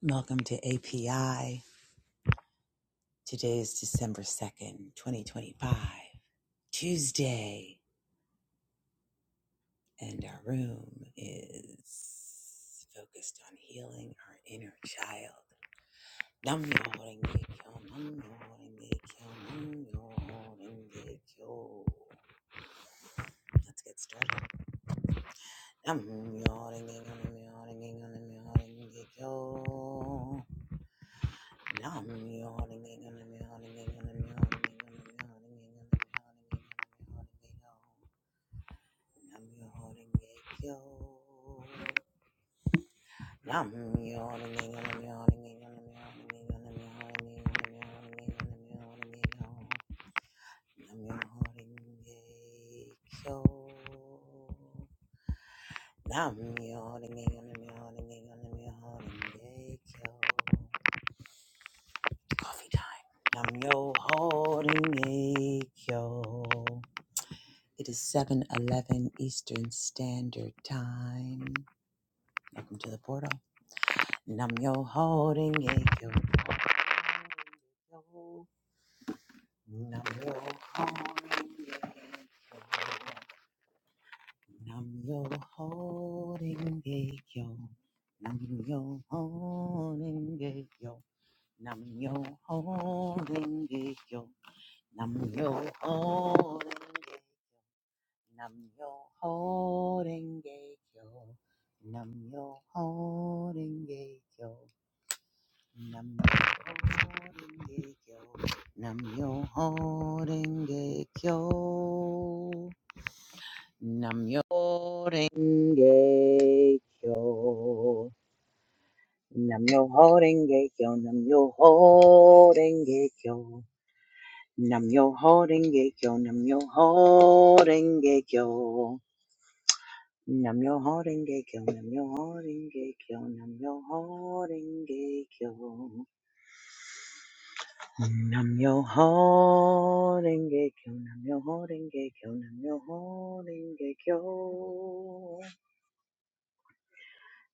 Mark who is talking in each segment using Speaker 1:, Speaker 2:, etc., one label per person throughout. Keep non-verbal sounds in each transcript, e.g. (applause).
Speaker 1: Welcome to API. Today is December 2nd, 2025, Tuesday, and our room is focused on healing our inner child. Nam myoho renge kyo, nam myoho renge kyo, nam myoho renge kyo. Let's get started. Nam myoho renge kyo, nam myoho renge kyo, nam myoho renge kyo. Nam-myoho-renge-kyo. Coffee time. Nam yo holding yo. It is 7:11 Eastern Standard Time. Welcome to the portal. Nam yo holding yo. Nam yo holding Nam yo holding yo. Nam yo holding yo. Nam yo holding yo. Nam yo holding yo. Nam yo horenge kyo. Nam yo horenge kyo. Nam yo horenge kyo. Nam yo horenge kyo. Nam yo horenge kyo. Nam yo horenge kyo. Nam yo horenge kyo. Nam yo horenge kyo. Nam yo horenge kyo. Nam yo ho horenge kyo, nam yo ho horenge kyo, nam yo ho horenge kyo. Nam yo ho horenge kyo, nam yo ho horenge kyo,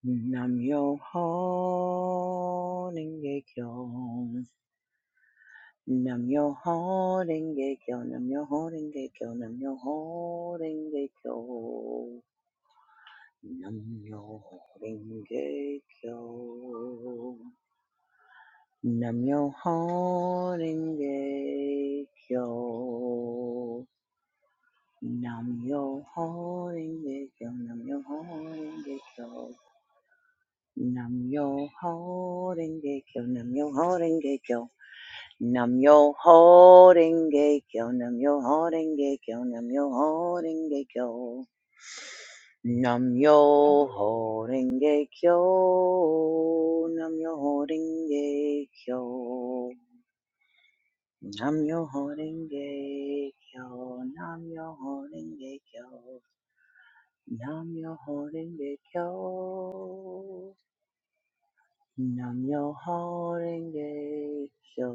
Speaker 1: nam yo ho horenge kyo. Nam yo ho horenge kyo. Nam yo horenge kyo, nam yo horenge kyo, nam yo horenge kyo. Nam yo horenge kyo. Namyo Horenge Kyo. Namyo Horenge Kyo. Namyo Horenge Kyo. Namyo Horenge Kyo. Namyo Horenge Kyo. Namyo Horenge Kyo. Namyo Horenge Kyo. Namyo Horenge Kyo. Namyo Horenge Kyo. Namyo Horenge Kyo. Nam-myoho-renge-kyo, Nam-myoho-renge-kyo, Nam-myoho-renge-kyo, Nam-myoho-renge-kyo,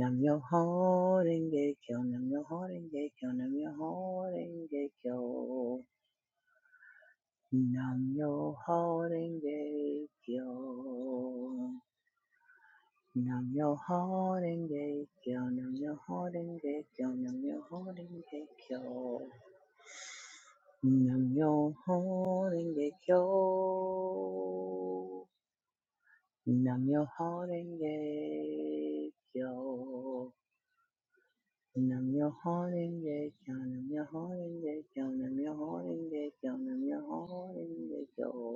Speaker 1: Nam-myoho-renge-kyo, Nam-myoho-renge-kyo, Nam-myoho-renge-kyo, Nam-myoho-renge-kyo. Nam yo horenge kyo, nam yo horenge kyo, nam yo horenge kyo, nam yo horenge kyo, nam yo horenge kyo, nam yo horenge kyo, nam yo horenge kyo, nam yo horenge kyo, nam yo horenge kyo,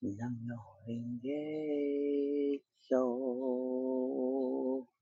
Speaker 1: nam yo horenge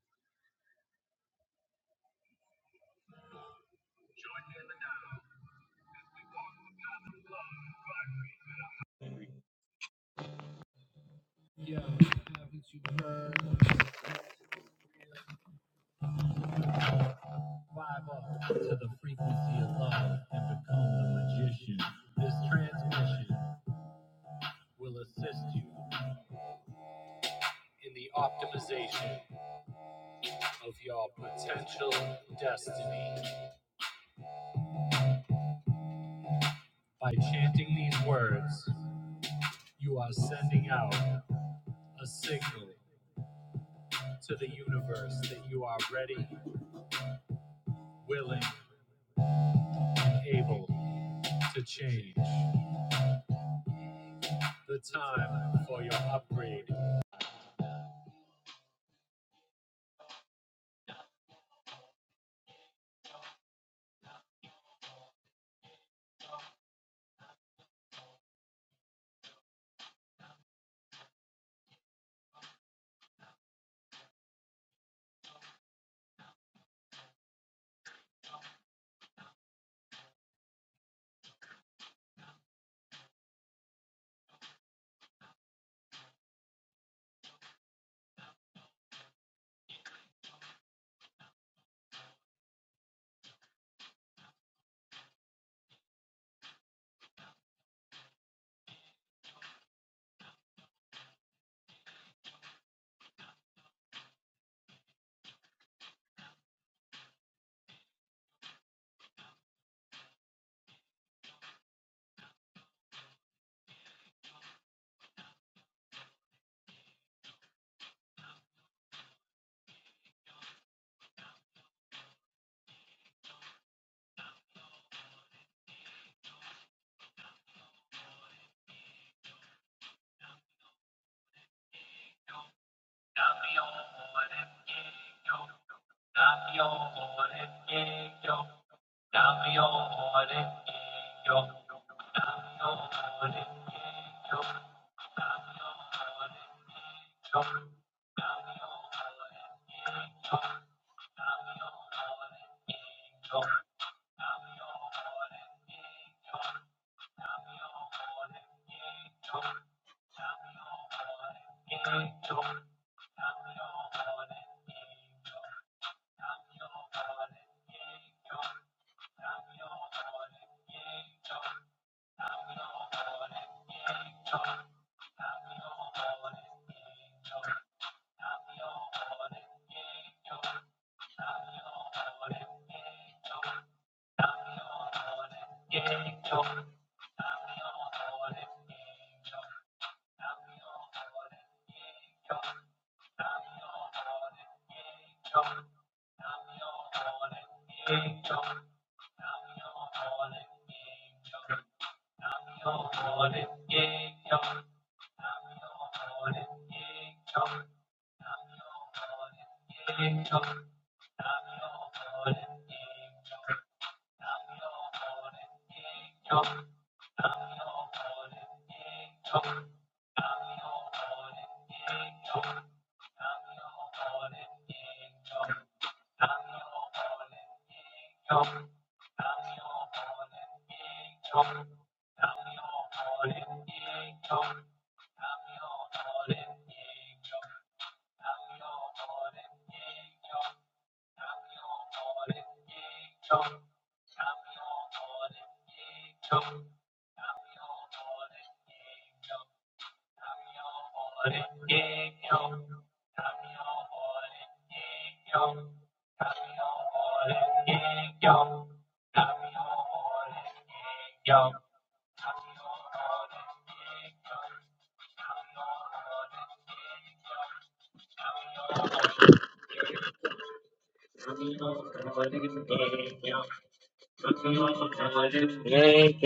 Speaker 1: kyo.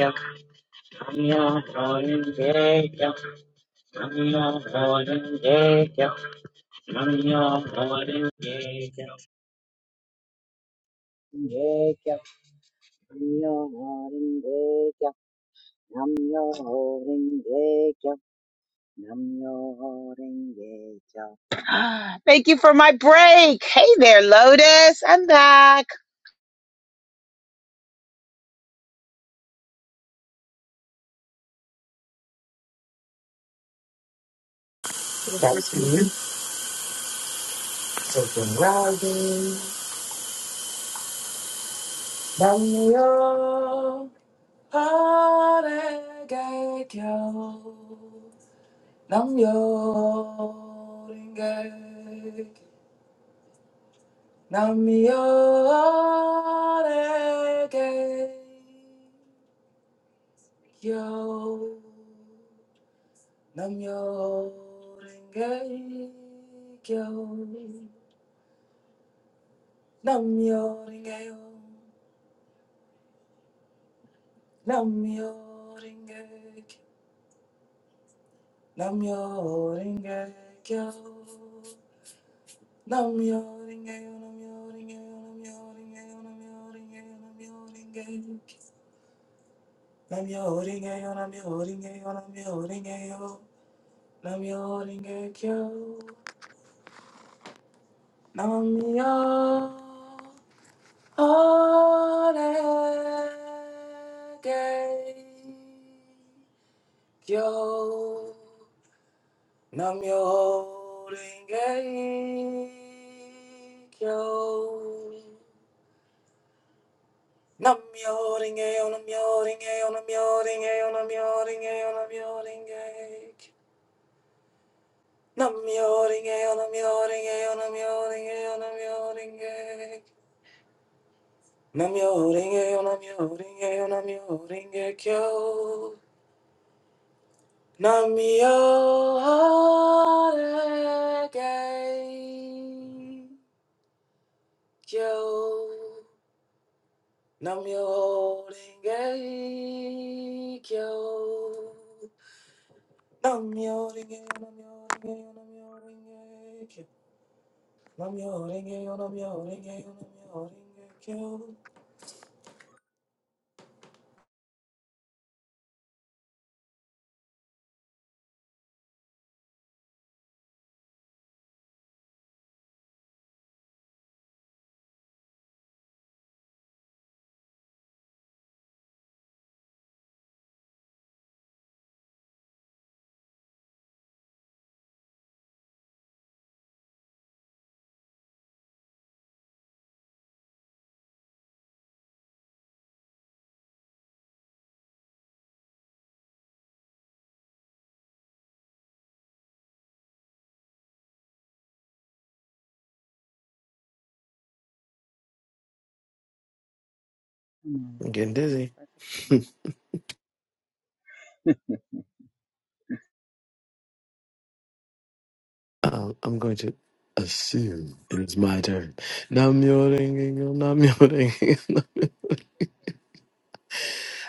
Speaker 1: (sighs) Mania rolling Jacob, Mania rolling Jacob, Mania rolling Jacob, Mania rolling Jacob, Mania rolling Jacob, Mania rolling Jacob. (gasps) Thank you for my break. Hey there, Lotus. I'm back. Hello, sweet
Speaker 2: That's
Speaker 1: pea.
Speaker 2: me. Taking rising. Namyo Harenge Kyo. Namyo Renge. Namyo Renge Kyo. Namyo Renge Kyo. Namyo Renge Kyo. Namyo Renge Kyo. Namyo Renge-kyo. Namyo Renge-yo, Namyo Renge-yo, Namyo Renge-yo, Namyo Renge-yo, Namyo Renge-yo. Namyo Renge-yo, Namyo Renge-yo, Namyo Renge-yo. Namyo Renge-kyo. Namyo Renge-kyo. Nam yo ringe yo. Nam yo ringe yo. Nam yo ringe yo. Nam yo ringe yo. Nam yo ringe yo. Nam yo ringe. Nam yo ringe yo. Nam yo ringe yo. Nam yo ringe yo. Nam yo ringe. Nam yo ringe yo. Nam yo ringe yo. Nam yo ringe yo. Nam yo ringe yo. Namyo Renge Kyo. Namyo Renge Yo, Namyo Renge Yo, Namyo Renge Kyo. Namyo Renge Yo, Namyo Renge Yo, Namyo Renge Kyo.
Speaker 1: Come on,
Speaker 3: I'm
Speaker 1: Lady
Speaker 3: getting
Speaker 1: Holly.
Speaker 3: dizzy.
Speaker 1: Perfect timing.
Speaker 3: Um, I'm going to assume it is my turn. Nam yo ringe yo, nam yo ringe, (laughs)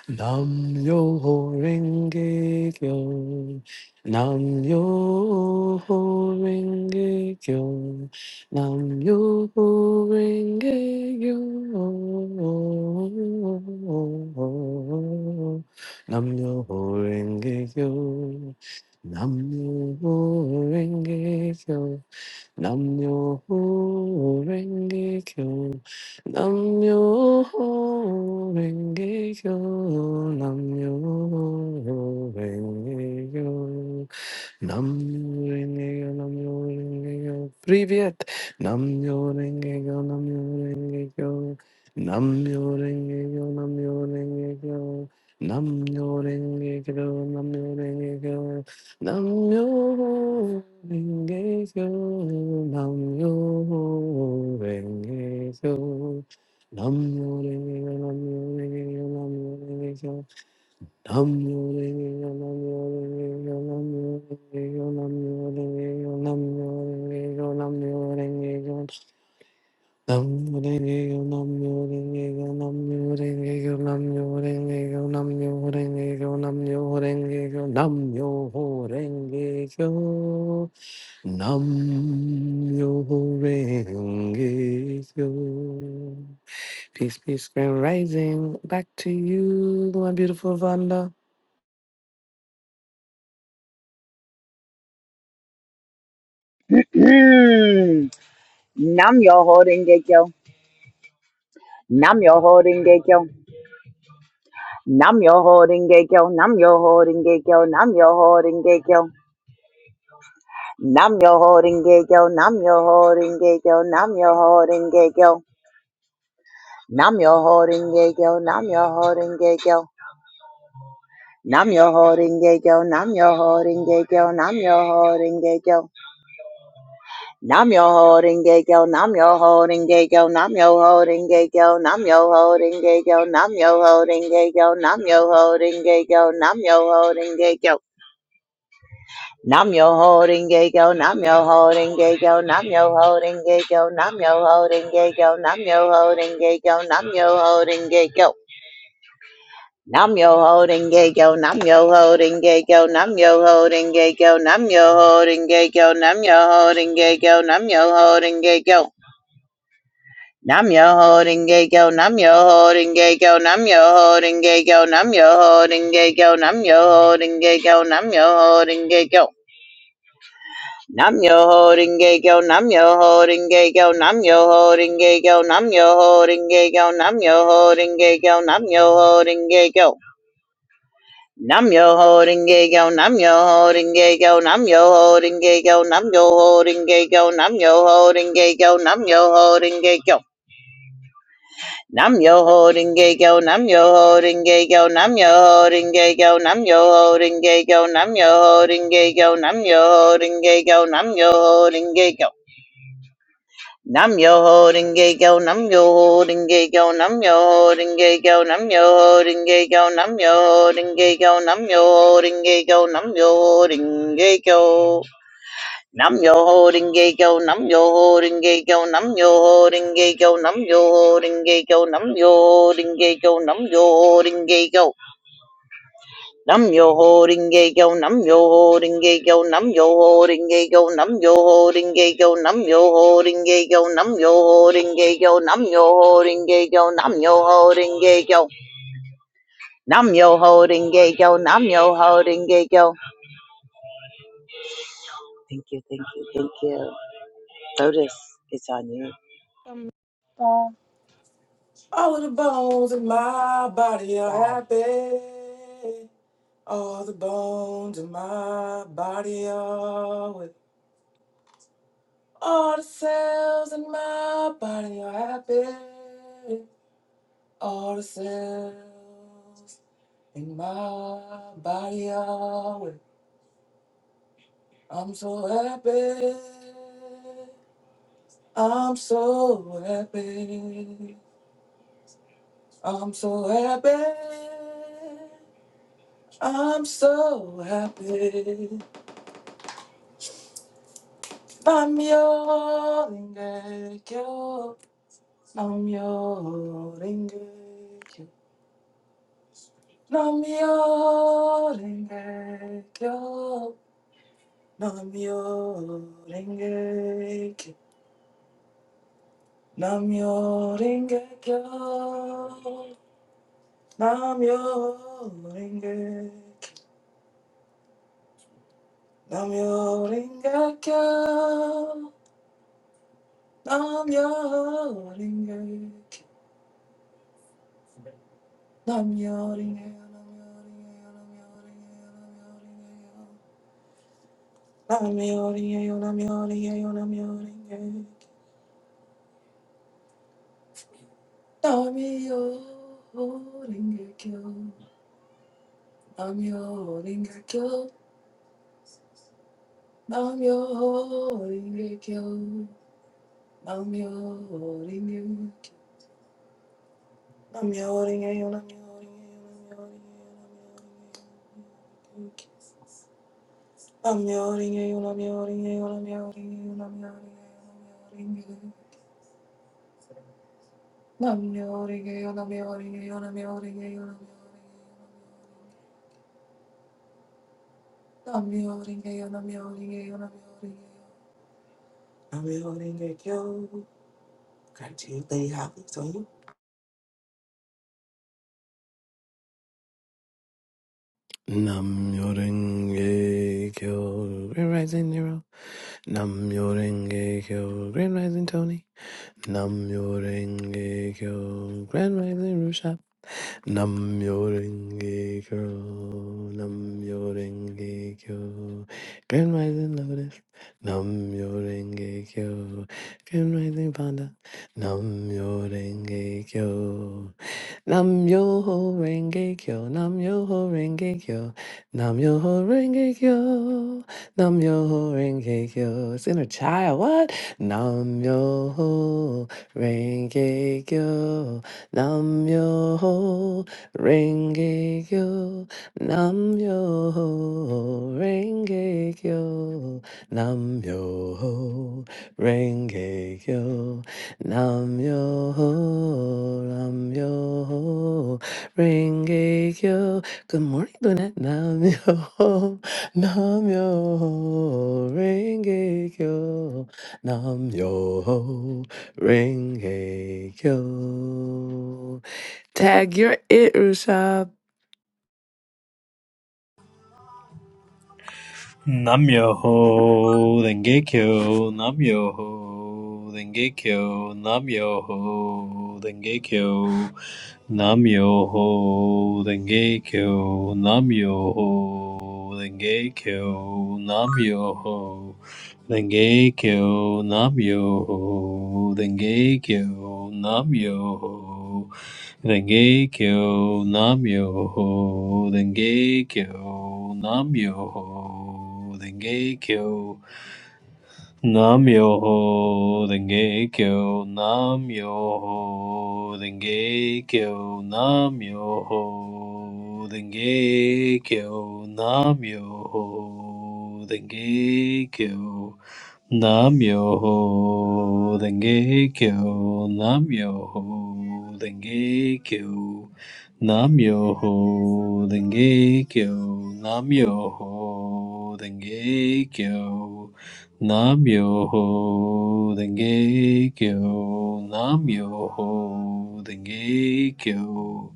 Speaker 3: nam yo ho ringe yo, nam yo ho ringe yo, nam yo ho ringe yo, nam yo ho ringe yo, nam yo ho ringe yo. Namyo Renge Kyo. Namyo Renge Kyo. Namyo Renge Kyo. Namyo-renge-kyo, namyo-renge-kyo. Привет! Namyo-renge-kyo, namyo-renge-kyo. Namyo-renge-kyo, namyo-renge-kyo. Namyo-renge-kyo, namyo-renge-kyo. Namyo-renge-kyo, namyo-renge-kyo. Namyo-renge-kyo, namyo-renge-kyo, namyo-renge-kyo. Nam Peace, peace, grand rising. Back to you, my beautiful Vanda.
Speaker 1: Mm. Nam yo holding gekyo. Nam yo holding Nam yo holding gay yo, nam yo holding gay yo, nam yo holding gay yo, nam yo holding gay yo, nam yo holding gay yo, nam yo holding gay yo, nam yo holding gay yo, nam yo holding gay yo, nam yo holding gay yo, nam yo holding gay yo, nam yo holding gay yo, nam yo holding gay yo, nam yo holding gay yo, nam yo holding gay yo, nam yo holding gay yo, nam yo holding gay yo, nam yo holding gay yo, nam yo holding gay yo. Nam yo holding gay go, nam yo holding gay go, nam yo holding gay go, nam yo holding gay go, nam yo holding gay go, nam yo holding gay go. Nam yo holding gay go, nam yo holding gay go, nam yo holding gay go, nam yo holding gay go, nam yo holding gay go, nam yo holding gay go. Nam yo holding gay go, nam yo holding gay go, nam yo holding gay go, nam yo holding gay go, nam yo holding gay go, nam yo holding gay go. Nam yo holding gay yo, nam yo holding gay yo, nam yo holding gay yo, nam yo holding gay yo, nam yo holding gay yo, nam yo holding gay yo. Nam yo holding gay yo, nam yo holding gay yo, nam yo holding gay yo, nam yo holding gay yo, nam yo holding gay yo, nam yo holding gay yo. Nam yo holding gay yo, nam yo holding gay yo, nam yo holding gay yo, nam yo holding gay yo, nam yo holding gay yo, nam yo holding gay yo, nam yo holding gay yo. Nam yo holding gay go, nam yo holding gay go, nam yo holding gay go, nam yo holding gay go, nam yo holding gay go, nam yo holding gay go, nam yo holding gay go. Nam yo holding gay go, nam yo holding gay go, nam yo holding gay go, nam yo holding gay go, nam yo holding gay go, nam yo holding gay go. Nam yo holding gay yo, nam yo holding gay yo, nam yo holding gay yo, nam yo holding gay yo, nam yo holding gay yo, nam yo holding gay yo, nam yo holding gay yo, nam yo holding gay yo, nam yo holding gay yo, nam yo holding gay yo. Thank you, thank you, thank you. Lotus, it's on you.
Speaker 2: All of the bones in my body are happy. All the bones in my body are with. All the cells in my body are happy. All the cells In my body, always. I'm so happy. I'm so happy. I'm so happy. I'm so happy. I'm your ingekyo. I'm your ingekyo. I'm your ingekyo. I'm your Namyo Rengekyo. Namyo Renge. Namyo Rengekyo. Namyo Renge. Namyo Renge. Namyo Renge. Namyo Renge. Namyo Renge. Namyo Rengekyo. Namyo Rengekyo. Namyo Rengekyo. Namyo Rengekyo. Gratitude, Lady Holly, it's on you.
Speaker 3: Nam Yorenge Kyo Grand Rising Nero Nam Yorenge Kyo Grand Rising Tony Nam Yorenge Kyo Grand Rising Rushab Nam Yorenge Kyo Nam Yorenge Kyo Grand Rising Lotus Nam Yorenge Kyo Grand Rising Panda Nam Yorenge Kyo Nam yo ho renge kyo, nam yo ho renge kyo, nam yo ho renge kyo, nam yo ho renge kyo. It's inner child, what? Nam yo ho renge kyo, nam yo ho renge kyo, nam yo ho renge kyo, nam yo ho renge kyo. Nam yo ho, nam yo ho, renge kyo. Good morning, Lynette. Nam yo ho, nam yo ho, renge kyo. Nam yo ho, renge kyo. Tag, you're it, Rushab.
Speaker 4: Namyoho Dengekyo, Namyoho Dengekyo, Namyoho Dengekyo, Namyoho Dengekyo, Namyoho Dengekyo, Namyoho Dengekyo Namyoho, Dengekyo Namyoho, Dengekyo Namyoho, Dengekyo Namyoho, Dengekyo Namyoho, Dengekyo Namyoho, Dengekyo Namyoho, Dengekyo Namyoho, Dengekyo Namyoho Denge Kyo, Namyoho Denge Kyo, Namyoho Denge Kyo, Namyoho Denge Kyo, Namyoho Denge Kyo, Namyoho Denge Kyo.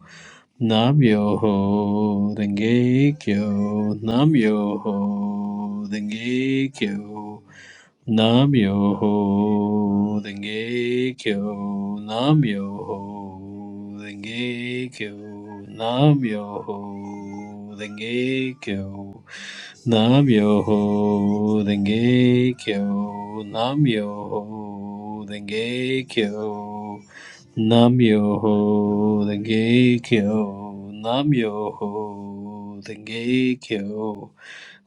Speaker 4: Nam yo ho denge kyo, nam yo ho denge kyo, nam yo ho denge kyo, nam yo ho denge kyo, nam yo denge kyo, nam yo denge kyo, nam yo denge kyo. Nam yo ho denge kyo, nam yo ho denge kyo,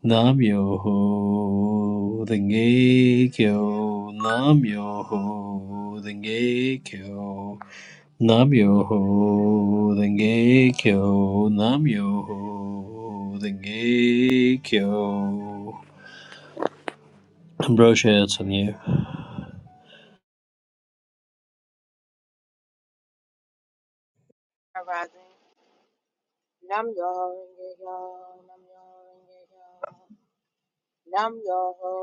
Speaker 4: nam yo ho denge kyo, nam yo ho denge kyo, nam yo ho denge kyo, nam yo ho denge kyo. Ambrosia, it's on you.
Speaker 5: arising. Nam yo renge yo, nam yo renge yo, nam yo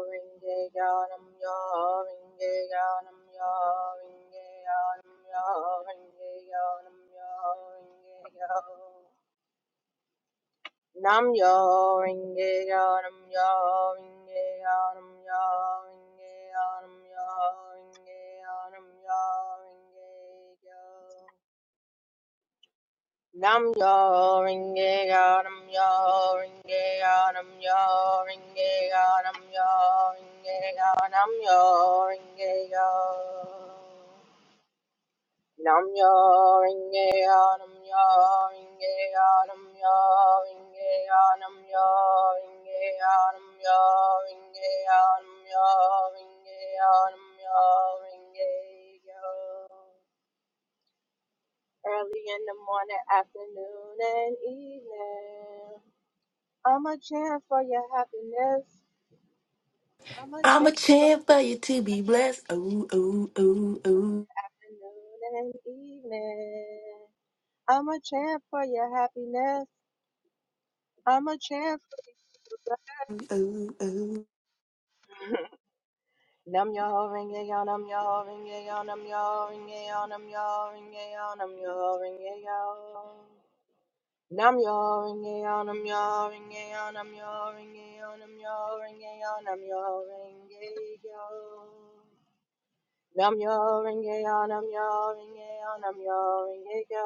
Speaker 5: renge yo, nam yo renge yo, nam yo renge yo, nam yo renge yo, nam yo renge yo. Nam yo renge yo, nam yo renge yo, nam yo renge yo, nam yo renge yo, nam yo renge yo. Nam yo ringe ga nam yo ringe ga nam yo ringe ga nam yo ringe ga nam yo ringe ga nam yo ringe ga nam yo ringe ga nam yo ringe ga nam yo ringe ga nam yo ringe ga nam yo ringe ga nam yo ringe ga early in the morning, afternoon, and evening. I'm a chant for your happiness. I'm a
Speaker 2: I'm a
Speaker 5: chant for
Speaker 2: champ
Speaker 5: your
Speaker 2: for you
Speaker 5: beautiful
Speaker 2: to be blessed. Oh, oh, oh, oh,
Speaker 5: afternoon and evening. I'm a chant for your happiness. I'm a chant for your beautiful
Speaker 2: oh, oh.
Speaker 5: Nam yo ho ring ye yo, nam yo ho ring ye yo, nam yo ho ring ye yo, nam yo ho ring ye yo, nam yo ho ring ye yo. Nam yo ho ring ye yo, nam yo ho ring ye yo, nam yo ho ring ye yo, nam yo ho ring ye yo, nam yo ho ring ye yo. Nam yo ringe yo, nam yo ringe yo, nam yo ringe yo.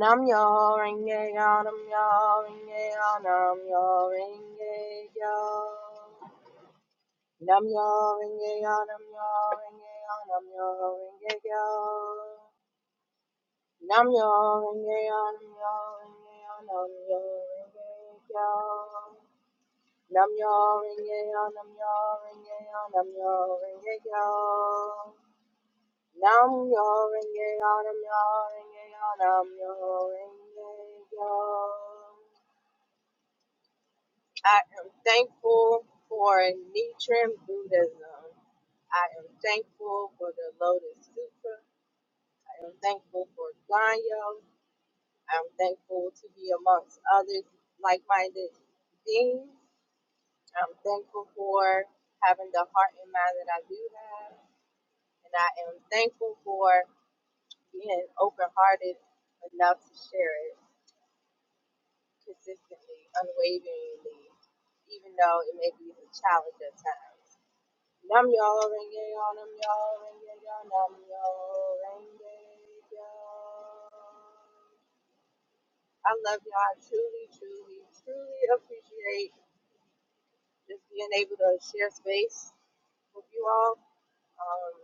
Speaker 5: Nam yo ringe yo, nam yo ringe yo, nam yo ringe yo. Nam yo ringe yo, nam yo ringe yo, nam yo ringe yo. Nam yo ringe yo, nam yo ringe yo, nam yo ringe yo. Nam yo ringe yo, nam yo ringe yo, nam yo ringe yo. Nam yo renge yo, nam yo renge yo, nam yo renge yo. I am thankful for Nichiren Buddhism. I am thankful for the Lotus Sutra. I am thankful for Ganyo. I am thankful to be amongst others like-minded beings. I'm thankful for having the heart and mind that I do have. And I am thankful for being open-hearted enough to share it. consistently, unwaveringly, even though it may be a challenge at times. Nam yo renge yo, nam yo renge yo, nam yo renge yo. I love y'all. I truly, truly, truly appreciate just being able to share space with you all. Um,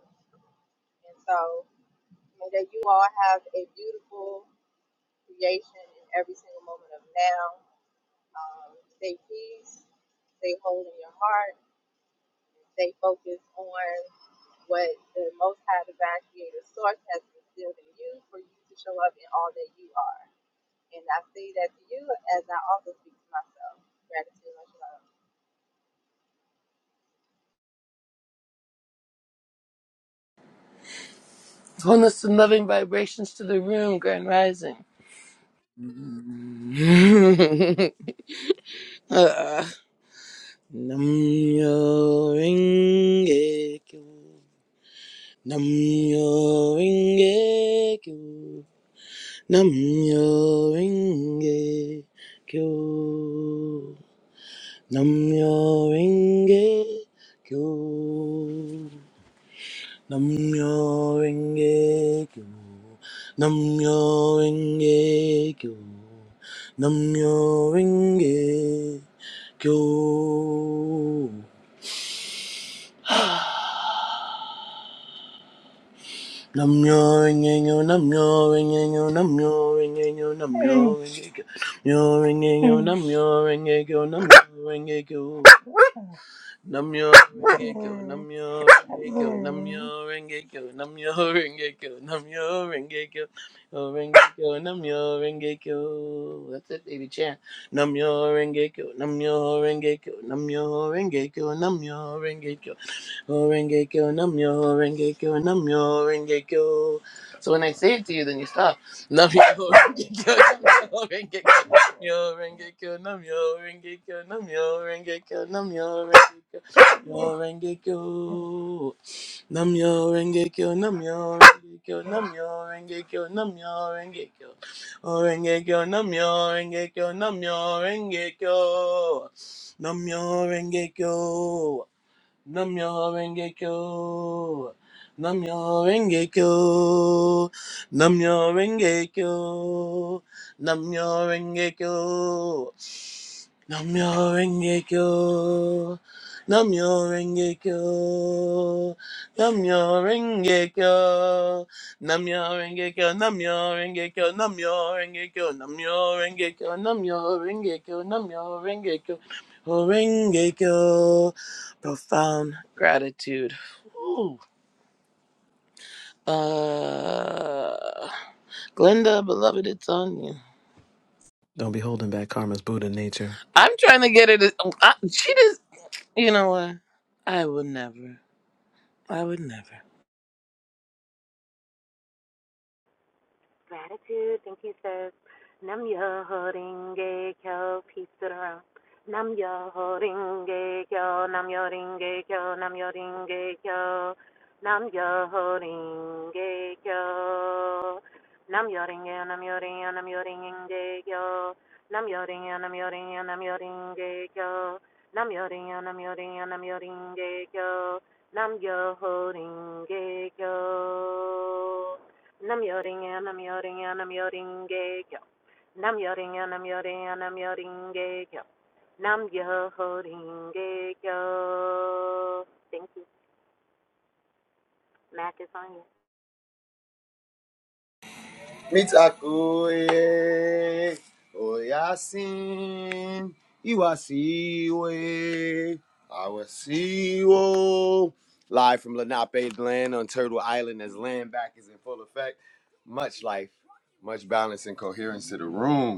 Speaker 5: and so may that you all have a beautiful creation in every single moment of now. Um, stay peace, stay whole in your heart They focus on what the Most High Divine Creator Source has instilled in you for you to show up in all that you are. And I say that to you as I also speak to myself. Gratitude, much love.
Speaker 6: Wholeness some loving vibrations to the room, Grand Rising. (laughs) uh, Namyo Rengekyo. Namyo Rengekyo. Namyo Rengekyo. Namyo Rengekyo. Namyo Renge Kyo. Namyo Renge Kyo. Namyo Renge Kyo. Namyo Renge Kyo. Namyo Renge Kyo. Namyo Renge Kyo. Namyo Renge Kyo. Namyo Renge Kyo. Namyo Renge Kyo. Namyo Renge Kyo. Namyo Renge Kyo, Namyo Renge Kyo, Namyo Renge Kyo, Namyo Renge Kyo, Namyo Renge Kyo, Renge Kyo, Namyo Renge Kyo. That's it, baby chant. Namyo Renge Kyo, Namyo Renge Kyo, Namyo Renge Kyo, Namyo Renge Kyo, Horenge kyo namyo, horenge kyo namyo, horenge kyo. So when I say it to you, then you stop. Namyo horenge kyo, namyo horenge kyo, namyo horenge kyo, namyo horenge kyo, namyo horenge kyo, namyo horenge kyo, namyo horenge kyo, namyo horenge kyo, namyo horenge kyo, namyo horenge kyo, namyo horenge kyo, horenge kyo, namyo horenge kyo, namyo horenge kyo, namyo horenge kyo. Namyo Rengekyo. Namyo Rengekyo. Namyo Rengekyo. Namyo Rengekyo. Namyo Rengekyo. Namyo Rengekyo. Namyo Rengekyo. Namyo Rengekyo. Namyo Rengekyo. Namyo Rengekyo. Namyo Rengekyo. Namyo Rengekyo. Namyo Rengekyo. Rengekyo. Profound gratitude. Ooh. Uh, Glenda, beloved, it's on you.
Speaker 3: Don't be holding back karma's Buddha nature.
Speaker 6: I'm trying to get it. I, she just, you know what? I would never. I would never.
Speaker 7: Gratitude. Thank you, sis. Nam yo holding gay kyo. Peace to the room. Nam yo holding gay kyo. Nam yo holding gay kyo. Nam yo holding gay kyo. Nam yo holding gay kyo. Nam yo holding gay. Nam yo holding gay. Nam yo holding gay kyo. Nam yo holding gay. Nam yo holding gay. Nam yo holding gay kyo. Nam yo holding gay. Nam yo holding gay. Nam yo holding gay kyo. Nam yo holding gay kyo. Nam yoring and I'm yoring and I'm yo. Nam yoring and I'm yoring and I'm yoring gay yo. Nam yoring yo. Thank you. Mac is on you.
Speaker 8: Mitakoye Oyasin Iwasiwe Awasiwo. Live from Lenape land on Turtle Island as land back is in full effect. Much life, much balance and coherence to the room.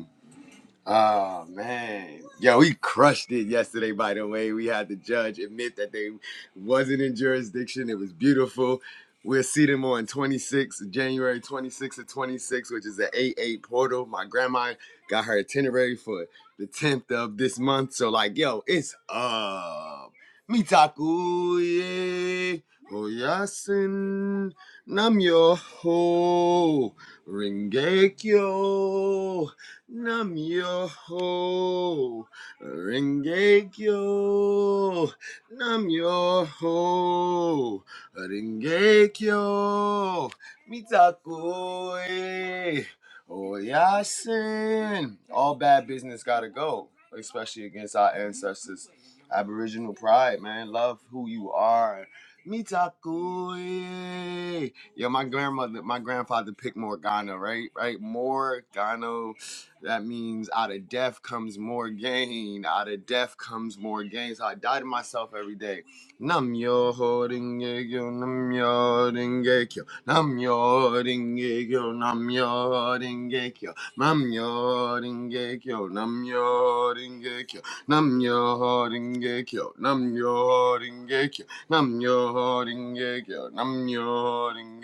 Speaker 8: Oh man, yo, we crushed it yesterday. By the way, we had the judge admit that they wasn't in jurisdiction. It was beautiful. We'll see them on 26 January 26 to 26, which is the 8-8 portal. My grandma got her itinerary for the 10th of this month. So like, yo, it's up. Mitaku ye oyasin namyo ho ringekyo. Nam Yoho Renge Kyo. Nam Yoho Renge Kyo. Mitakoe. Oyasin. All bad business gotta go, especially against our ancestors. Aboriginal pride, man. Love who you are. Mitakoe. Yeah, my grandmother, my grandfather picked Morgana, right? Right? Morgana that means out of death comes more gain. Out of death comes more gain. So I die to myself every day. Nam yo holding yo, nam yo renge kyo, nam yo holding yo, nam yo holding kyo, nam yo holding kyo, nam yo holding kyo, nam yo holding kyo, nam yo holding kyo, nam yo holding kyo, nam yo holding kyo, nam yo holding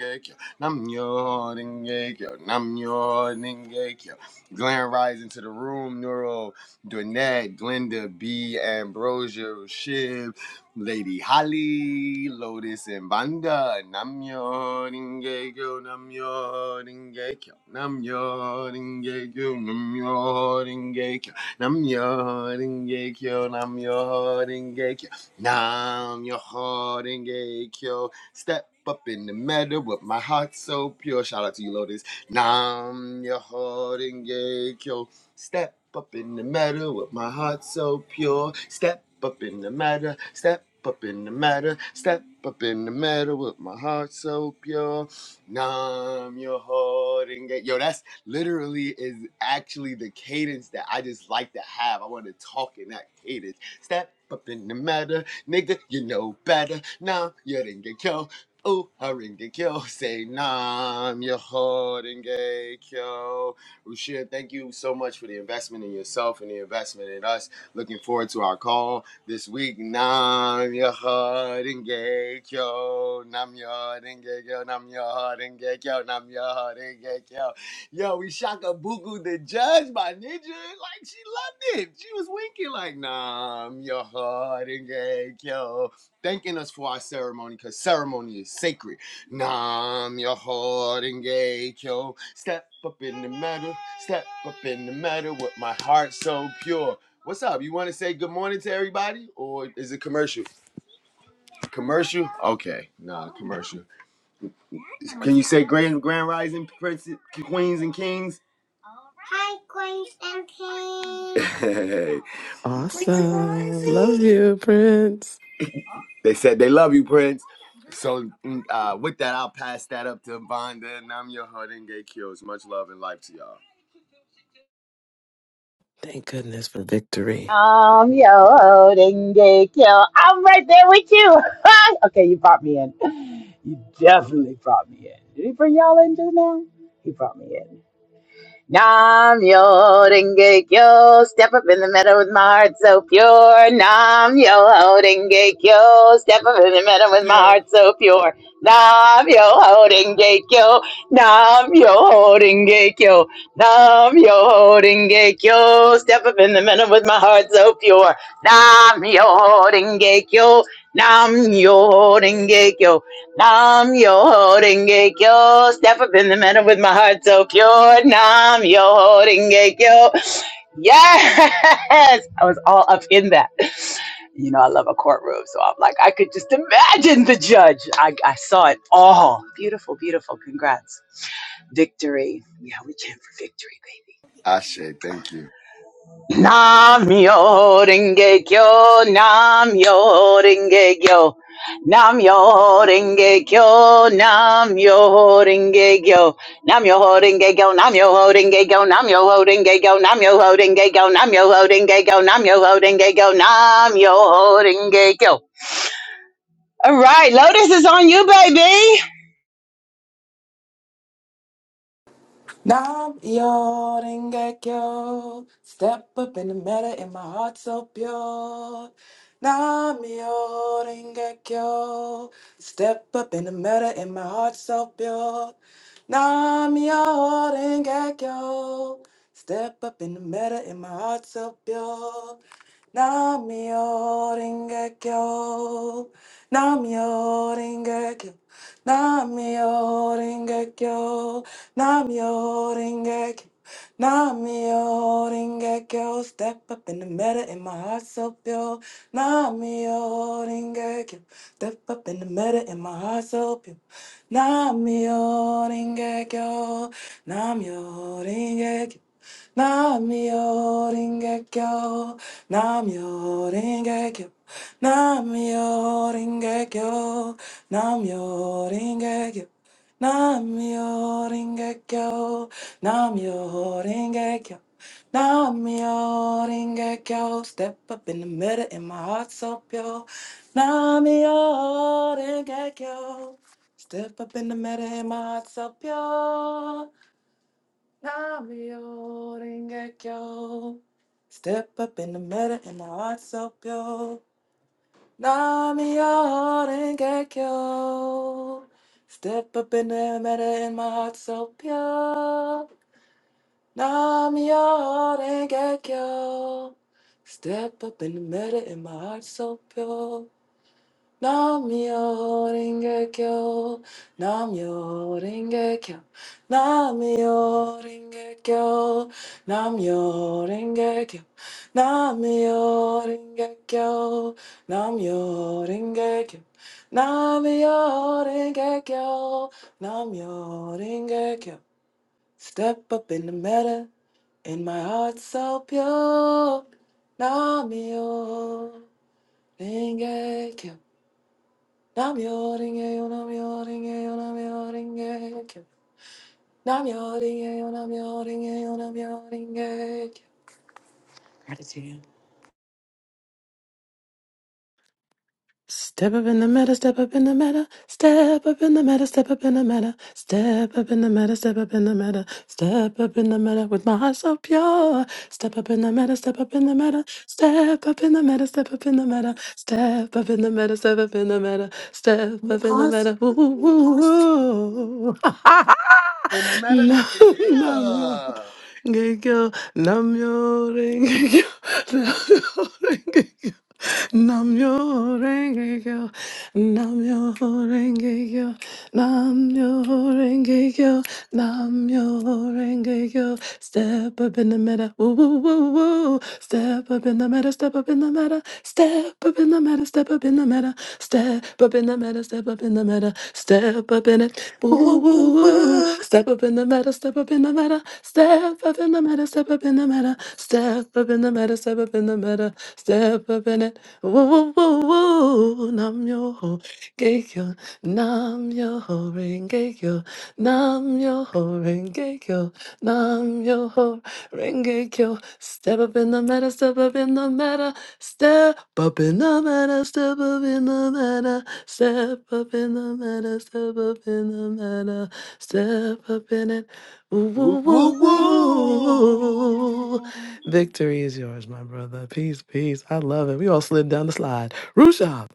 Speaker 8: kyo, nam yo holding kyo. Glenn Rise into the room, Neuro, Dwynette, Glenda, B, Ambrosio, Shiv, Lady Holly, Lotus, and Vanda. Namyo Ringekyo, Namyo Ringekyo, Namyo Ringekyo, Namyo Ringekyo, Namyo Ringekyo, Namyo Ringekyo, Namyo Ringekyo. Step up in the meadow with my heart so pure. Shout out to you, Lotus. Nam your heart and kyo. Step up in the matter with my heart so pure. Step up in the matter, step up in the matter, step up in the matter with my heart so pure. Nam your heart and Yo, that's literally is actually the cadence that I just like to have. I want to talk in that cadence. Step up in the matter, nigga, you know better. Now you didn't get yo. Oh, Haringe Kyo, say Nam, your Haringe Kyo. Rushir, thank you so much for the investment in yourself and the investment in us. Looking forward to our call this week. Nam, your Haringe Kyo, Nam, your Haringe Kyo, Nam, your Haringe Kyo, Nam, your Haringe Kyo. Yo, we shaka buku the judge by Ninja. Like, she loved it. She was winking, like, Nam, your Haringe Kyo thanking us for our ceremony because ceremony is sacred. Nam your heart and gate, yo. Step up in the meadow, step up in the meadow with my heart so pure. What's up? You want to say good morning to everybody, or is it commercial? Commercial? Okay, nah, commercial. Can you say grand grand rising princes, queens and kings? Hi, queens and kings. (laughs) Hey,
Speaker 2: Green
Speaker 3: Awesome. Love
Speaker 2: rising.
Speaker 3: you, Prince.
Speaker 8: They said they love you, Prince. So mm, uh, with that, I'll pass that up to Vonda, and I'm your heart gay kills. Much love and life to y'all.
Speaker 3: Thank goodness for victory.
Speaker 1: I'm your holding gay yo. I'm right there with you. (laughs) okay, you brought me in. You definitely brought me in. Did he bring y'all in just now? He brought me in. Nam yo denge kyo, step up in the meadow with my heart so pure. Nam yo denge kyo, step up in the meadow with my
Speaker 8: Yeah.
Speaker 1: heart so pure. Nam yo denge kyo, nam yo denge kyo, nam yo denge kyo, step up in the meadow with my heart so pure. Nam yo denge kyo, nam yo denge kyo. Nam yo holding it, yo. Step up in the middle with my heart so pure. Nam yo holding it, yo. Yes! I was all up in that. You know, I love a courtroom, so I'm like, I could just imagine the judge. I, I saw it all. Beautiful, beautiful. Congrats. Victory. Yeah, we chant for victory, baby.
Speaker 8: Ashe, thank you.
Speaker 1: Namyo Renge Kyo, Namyo Renge Kyo, Namyo Renge Kyo, Namyo Renge Kyo, Namyo Renge Kyo, Namyo Renge Kyo, Namyo Renge Kyo, Namyo Renge Kyo, Namyo Renge Kyo, Namyo Renge Kyo, Namyo Renge Kyo. All right, Lotus is on you, baby.
Speaker 2: Nam yoring yo. dengekyo. Step up in the matter and my heart so pure. Nam yoring yo. dengekyo. Step up in the matter and my heart so pure. Nam yoring yo. dengekyo. Step up in the matter and my heart so pure. Nam yoring yo. dengekyo. Nam yoring Namyo Rengekyo, Namyo Rengekyo, Namyo Rengekyo. Step up in the middle and my heart so pure. Namyo Rengekyo, step up in the middle and my heart so pure. Namyo Rengekyo, Namyo Rengekyo. Namyo Rengekyo, Namyo Rengekyo. Namyo Ringekyo, Namyo Ringekyo, Namyo Ringekyo, Namyo Ringekyo, Namyo Ringekyo. Step up in the middle and my heart so pure. Namyo Ringekyo. Step up in the middle and my heart so pure. Namyo Ringekyo. Step up in the middle and my heart so pure. Namio Rengekyo. Step up in the matter and my heart so pure. Namio Rengekyo. Step up in the matter and my heart so pure. Namyo Renge Kyo, Namyo Renge Kyo, Namyo Renge Kyo, Namyo Renge Kyo, Namyo Renge Kyo, Namyo Renge Kyo, Namyo Renge Kyo, Namyo Renge Kyo. Step up in the meta, In my heart so pure. Namyo Renge Kyo. Namyo-renge-yo, namyo-renge-yo, namyo-renge-kyo. Namyo-renge-yo, namyo-renge-yo, namyo-renge-kyo. Gratitude.
Speaker 3: Step up in the meta, step up in the meta, step up in the meta, step up in the meta, step up in the meta, step up in the meta, step up in the meta with my heart so pure. Step up in the meta, step up in the meta, step up in the meta, step up in the meta, step up in the meta, step up in the meta, step up in the
Speaker 2: Awesome.
Speaker 3: meta. Woo, woo, woo, woo. (laughs)
Speaker 8: In a matter,
Speaker 3: Nam yo,
Speaker 8: yeah.
Speaker 3: gekyo, nam yo, Namyo renge kyo, namyo renge kyo, namyo renge kyo, namyo renge kyo. Step up in the meta, woo woo woo woo. Step up in the meta, step up in the meta, step up in the meta, step up in the meta, step up in the meta, step up in the meta, step up in the meta, up in it. Ooh, step up in the meta, step up in the meta, step up in the meta, step up in the meta, step up in the meta, step up in the meta, step up in it. Ooh, ooh, ooh, nam yo ho, geikyo, nam yo ho, ring geikyo, nam yo ho, ring geikyo, nam yo ho. Renge Kyo, step up in the meta, step up in the meta, step up in the meta, step up in the meta, step up in the meta, step up in the meta, step up in it. Ooh,
Speaker 8: Woo,
Speaker 3: ooh,
Speaker 8: woo,
Speaker 3: ooh, ooh.
Speaker 8: woo.
Speaker 3: Victory is yours, my brother. Peace, peace. I love it. We all slid down the slide. Rushab,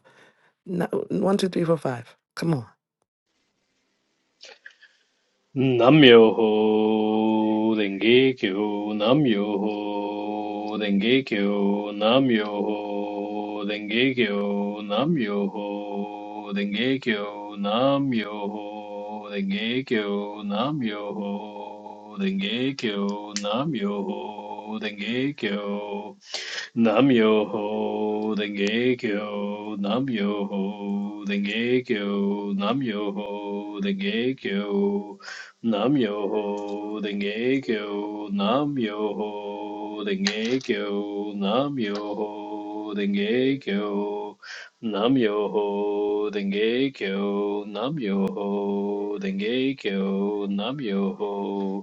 Speaker 3: no, one, two, three, four, five. Come on.
Speaker 4: Namyoho Denge Kyo, Namyoho Denge Kyo, Namyoho Denge Kyo, Namyoho Denge Kyo, Namyoho Denge Kyo, Namyoho Denge Kyo, Namyoho Denge Kyo. Nam yo ho denge kyo, nam yo ho denge kyo, nam yo ho denge kyo, nam yo ho denge kyo, nam yo ho denge kyo, nam yo ho denge kyo, nam yo ho denge kyo, nam yo ho denge kyo, nam yo ho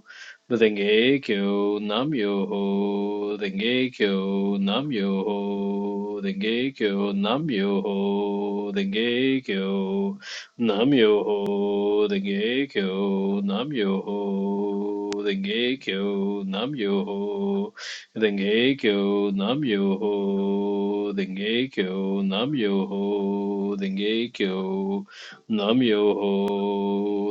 Speaker 4: Dengekyo Nam Yoho Dengekyo Nam Yoho Dengekyo Nam Yoho Dengekyo Nam Yoho Dengekyo Nam Yoho Dengekyo Nam Yoho Dengekyo Nam Yoho Dengekyo Nam Yoho Dengekyo Namyoho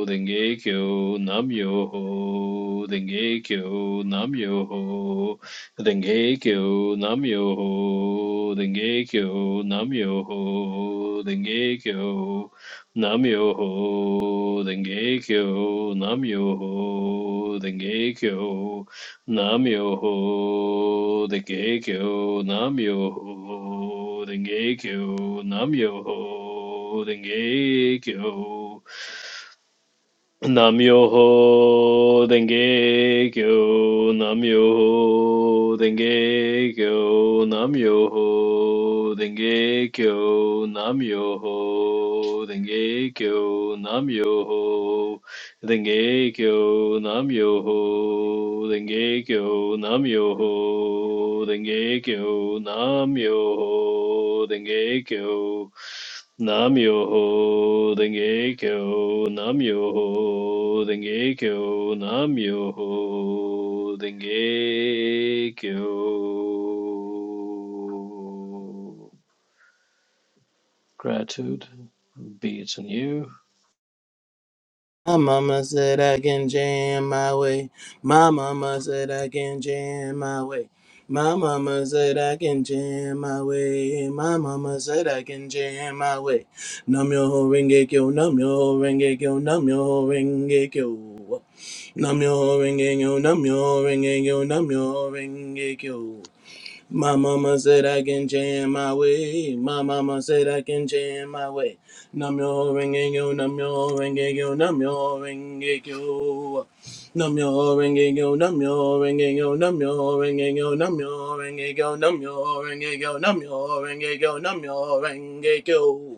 Speaker 4: Denge Kyo, Namyoho Denge Kyo, Namyoho Denge Kyo, Namyoho Denge Kyo, Namyoho Denge Kyo, Namyoho Denge Kyo, Namyoho Denge Kyo, Namyoho the Geikyo, Namyoho the Geikyo, Namyoho the Geikyo, Namyoho Denge Kyo, Namyoho Denge Kyo, Namyoho Denge Kyo, Namyoho Denge Kyo, Namyoho Denge Kyo, Namyoho Denge Kyo, Namyoho Denge Kyo, Namyoho Denge Kyo. Namyoho Denge Kyo, Namyoho Denge Kyo, Namyoho Denge Kyo. Gratitude. Be it in you.
Speaker 6: My mama said I can jam my way. My mama said I can jam my way. My mama said I can jam my way. My mama said I can jam my way. Nam yo ho renge kyo, nam yo ho renge kyo, nam yo ho renge kyo. Namyo Renge Kyo, Namyo Renge Kyo, Namyo Renge Kyo. My mama said I can jam my way. My mama said I can jam my way. Namyo Renge Kyo, Namyo Renge Kyo, Namyo Renge Kyo. Namyo Renge Kyo, Namyo Renge Kyo, Namyo Renge Kyo, Namyo Renge Kyo, Namyo Renge Kyo, Namyo Renge Kyo, Namyo Renge Kyo.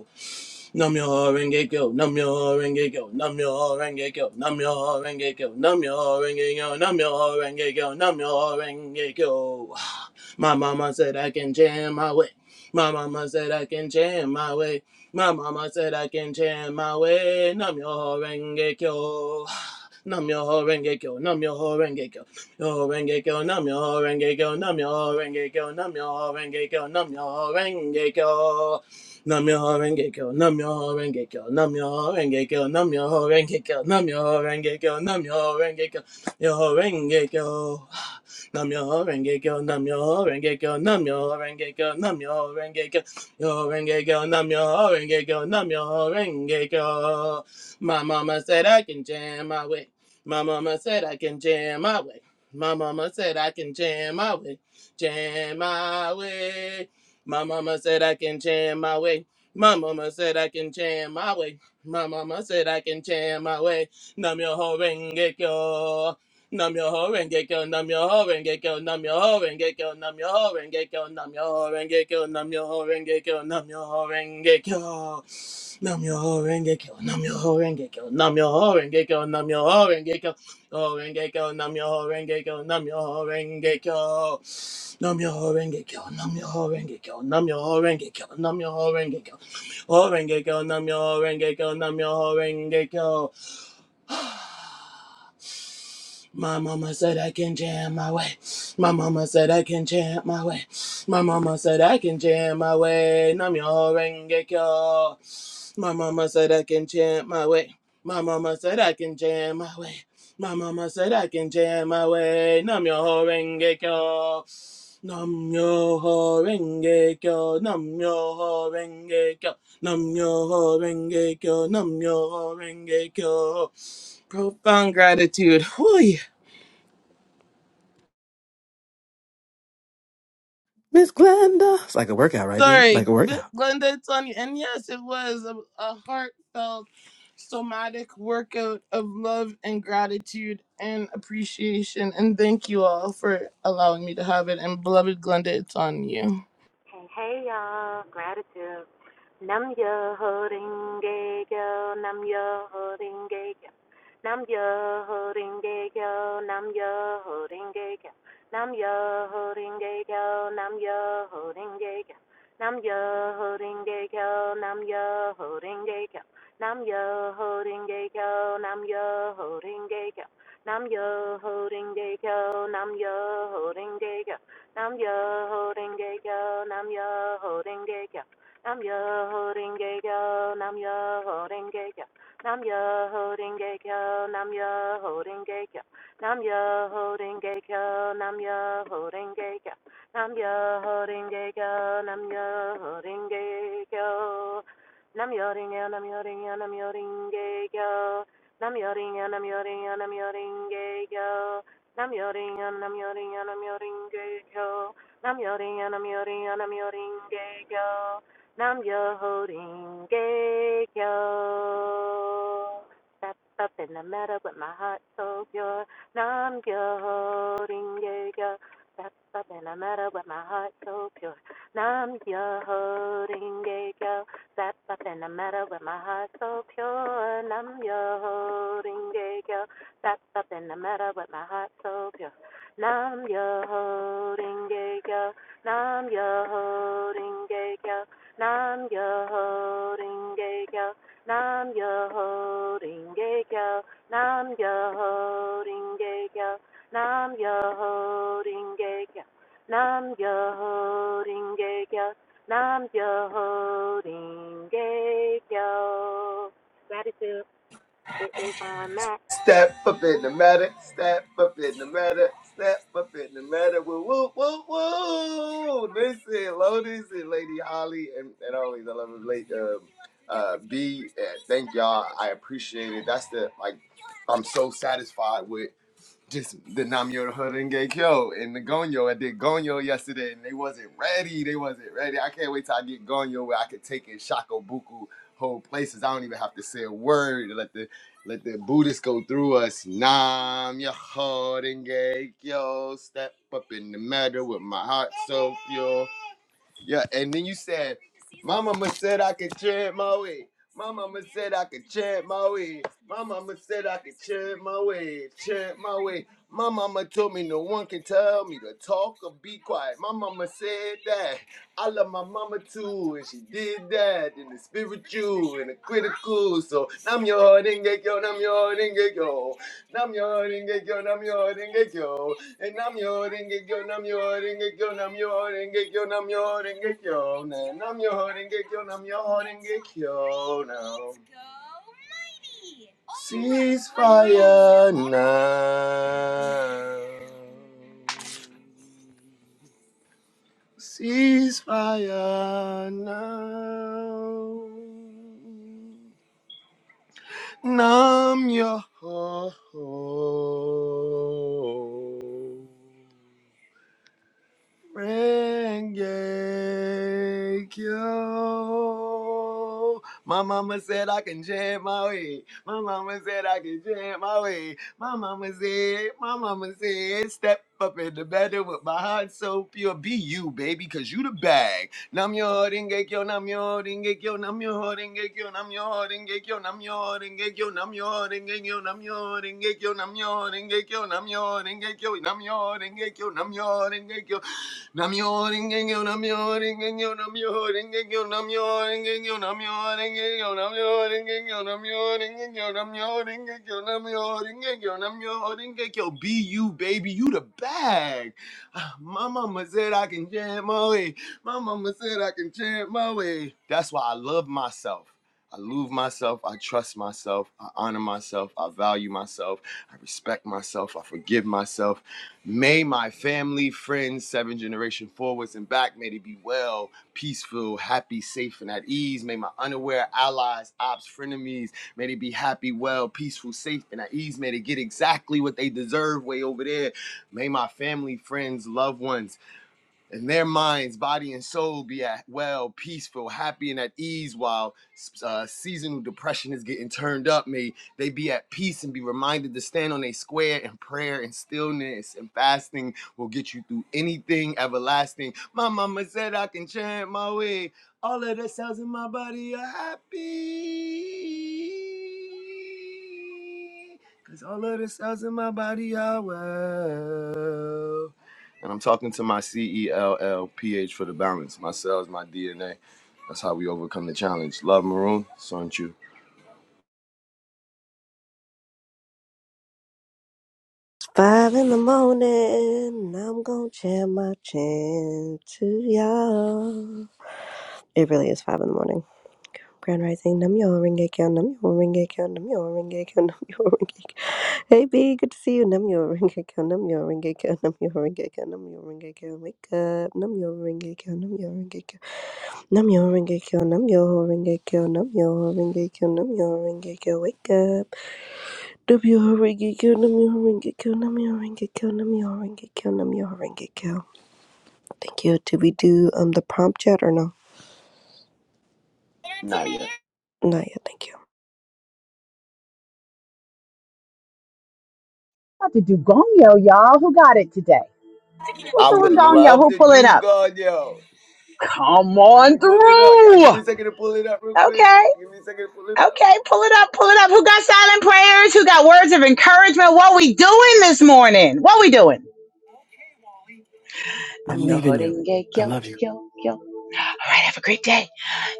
Speaker 6: Nam yo renge kyo, nam yo renge kyo, nam yo renge kyo, nam yo renge kyo, nam yo renge kyo, nam renge kyo, nam renge kyo. (sighs) My mama said I can jam my way. My mama said I can jam my way. My mama said I can jam my way. Nam yo renge kyo. (sighs) Nam yo ho renge kyo, nam yo ho renge kyo, yo renge kyo, nam yo ho renge kyo, nam yo ho renge kyo, nam yo ho renge kyo, nam yo ho renge kyo. Nam yo ho renge kyo, nam yo ho renge kyo, nam yo ho renge kyo, nam yo ho renge kyo, nam yo ho renge kyo, nam yo ho renge kyo, yo ho renge kyo. Nam yo ho renge kyo, nam yo ho renge kyo, nam yo ho renge kyo, nam yo ho renge kyo, yo ho renge kyo, nam yo ho renge kyo, nam yo ho renge kyo. My mama said I can jam my way. My mama said I can jam my way. My mama said I can jam my way, jam my way. My mama said I can change my way. My mama said I can change my way. My mama said I can change my way. Nam yo ho renge kyo. Nam yo ho renge kyo. Nam yo ho renge kyo. Nam yo ho renge kyo. Nam yo ho renge kyo. Nam yo ho renge kyo. Nam yo ho renge kyo. Nam yo ho renge kyo. Nam yo ho renge kyo. Nam yo ho renge kyo. Nam yo ho renge kyo. Nam yo ho renge kyo. Oh, renge kyo, nam yo ho, renge kyo, nam yo ho, renge kyo. Nam yo ho, renge kyo, nam yo ho, renge kyo, nam yo ho, renge kyo, nam yo ho, renge kyo. Ho, renge kyo, nam yo ho, renge kyo, nam yo ho, renge kyo. (sighs) My mama said I can jam my way. My mama said I can jam my way. My mama said I can jam my way. Namyo renge kyo. My mama said I can jam my way. My mama said I can jam my way. My mama said I can jam my way. Namyo renge kyo. Nam yo ho renge kyo, nam yo ho renge kyo, nam yo ho renge kyo, nam yo ho renge kyo. Profound gratitude. Whew.
Speaker 3: Miss Glenda. It's like a workout, right, B? Like
Speaker 6: Sorry,
Speaker 3: a workout.
Speaker 6: Glenda, it's on you. And yes, it was a, a heartfelt, somatic workout of love and gratitude and appreciation. And thank you all for allowing me to have it. And beloved Glenda, it's on you.
Speaker 7: Hey, hey, y'all. Gratitude. Nam yo holding yo. Nam yo holding yo. Nam yo holding yo. Nam yo holding yo. Nam yo holding yo. Nam yo holding yo. Nam yo holding yo. Nam yo holding yo. Nam yo holding yo. Nam yo holding yo. Nam yo holding yo. Nam yo holding yo. Nam Yo Renge yo. Nam Yo Renge yo. Nam Yo Renge yo. Nam Yo Renge yo. Nam Yo Renge yo. Nam Yo Renge yo. Nam Yo Renge yo. Nam Yo Renge yo. Nam Yo Renge yo. Nam Yo Renge yo. Nam yo, yoringa, nam yoringa, nam yoringa, yo. Nam yo, yoringa, nam yoringa, nam yoringa, yo. Nam yoring and I'm yoring and I'm yoring gay go. Nam yoring and I'm yoring and I'm yoring gay go. Nam yoring gay go. Step up in the meadow with my heart so pure. Nam yoring gay go. Step up in the meadow with my heart so pure. Nam yoring gay go. Step up in the meadow with my heart so pure. Nam yoring gay go. That's up in the meta with my heart so pure. Nam yo holding gay yo. Nam yo holding gay yo. Nam yo holding gay yo. Nam yo holding gay yo. Nam yo holding gay yo. Nam yo holding gay yo. Nam yo holding gay yo. Nam yo holding gay yo. Gratitude. It is on Matt.
Speaker 8: Step up in the matter, step up in the matter, step up in the matter. Woo, woo, woo, woo. Listen, Lotus and Lady Holly, and, and always I love it. Late, um, uh, B, uh, thank y'all. I appreciate it. That's the, like, I'm so satisfied with just the Namyo Horenge Kyo and the Gonyo. I did Gonyo yesterday and they wasn't ready. They wasn't ready. I can't wait till I get Gonyo where I could take in Shakobuku whole places. I don't even have to say a word. Let the let the Buddhists go through us. Nam Horenge Kyo. Step up in the matter with my heart so pure. Yeah, and then you said, My mama said I could chant my way. My mama said I could chant my way. My mama said I could chant my way, chant my way. My mama told me no one can tell me to talk or be quiet. My mama said that. I love my mama too, and she did that in the spiritual and the critical. So nam yo denge yo, nam yo denge yo, nam yo denge yo, nam yo denge yo. And I'm your Rengekyo, i Rengekyo, i Rengekyo, i Rengekyo, and Rengekyo, i Rengekyo. Now, ceasefire now. Ceasefire now. Numb your heart. Renge-kyo. My mama said I can jam my way. My mama said I can jam my way. My mama said, my mama said, step up in the bedroom with my heart so pure. Be you, baby, cause you the bag. Nam yo renge-kyo, nam yo renge-kyo, nam yo renge-kyo, nam yo renge-kyo, nam yo renge-kyo, nam yo renge-kyo, nam yo renge-kyo, nam yo renge-kyo, nam yo renge-kyo, nam yo renge-kyo, nam yo renge-kyo. Namyo Rengekyo, Namyo Rengekyo, Namyo Rengekyo, Namyo Rengekyo, Namyo Rengekyo, Namyo Rengekyo, Namyo Rengekyo, Namyo Rengekyo, Namyo Rengekyo, Namyo Rengekyo. Be you, baby, you the bag. Ah, My mama said I can chant my way. My mama said I can chant my way. That's why I love myself. I love myself. I trust myself. I honor myself. I value myself. I respect myself. I forgive myself. May my family, friends, seven generation forwards and back, may they be well, peaceful, happy, safe, and at ease. May my unaware allies, ops, frenemies, may they be happy, well, peaceful, safe, and at ease. May they get exactly what they deserve way over there. May my family, friends, loved ones, and their minds, body, and soul be at well, peaceful, happy, and at ease while uh, seasonal depression is getting turned up. May they be at peace and be reminded to stand on a square And prayer and stillness and fasting will get you through anything everlasting. My mama said I can chant my way. All of the cells in my body are happy, 'cause all of the cells in my body are well. And I'm talking to my C E L L P H for the balance. My cells, my DNA. That's how we overcome the challenge. Love Maroon, So aren't you.
Speaker 9: Five in the morning, I'm gonna jam my chin to y'all. It really is five in the morning. Grand Rising, Nam Yo Ringe Kyo, Nam Yo Ringe Kyo, Nam Yo Ringe Kyo, Nam Yo Ringe Kyo. Hey B, good to see you. Nam Yo Ringe Kyo, Nam Yo Ringe Kyo, Nam Yo Ringe Kyo, Nam Yo Ringe Kyo. Wake up, Nam Yo Ringe Kyo, Nam Yo Ringe Kyo, Nam Yo Ringe Kyo, Nam Yo Ringe Kyo, Nam Yo Ringe Kyo, Nam Yo Ringe Kyo. Wake up. Namyoho Renge-kyo, Namyoho Renge-kyo, Namyoho Renge-kyo, Namyoho Renge-kyo, Namyoho Renge-kyo. Thank you. Did we do um the prompt yet or no?
Speaker 8: Nah, yeah.
Speaker 9: Not yet. Thank you.
Speaker 1: About to do Gongyo, y'all. Who got it today? Who's
Speaker 8: I would
Speaker 1: doing Gongyo?
Speaker 8: love
Speaker 1: Who
Speaker 8: to
Speaker 1: pulling
Speaker 8: do
Speaker 1: up?
Speaker 8: God, yo.
Speaker 1: Come
Speaker 8: Let me
Speaker 1: on
Speaker 8: pull it up.
Speaker 1: through.
Speaker 8: Give me a second to pull it up real quick.
Speaker 1: Okay.
Speaker 8: Give me a second to pull it
Speaker 1: Okay,
Speaker 8: up.
Speaker 1: pull it up, pull it up. Who got silent prayers? Who got words of encouragement? What we doing this morning? What we doing?
Speaker 3: I'm
Speaker 1: Nam yo
Speaker 3: leaving you.
Speaker 1: horenge
Speaker 3: I
Speaker 1: kyo
Speaker 3: love you.
Speaker 1: kyo kyo. All right, have a great day.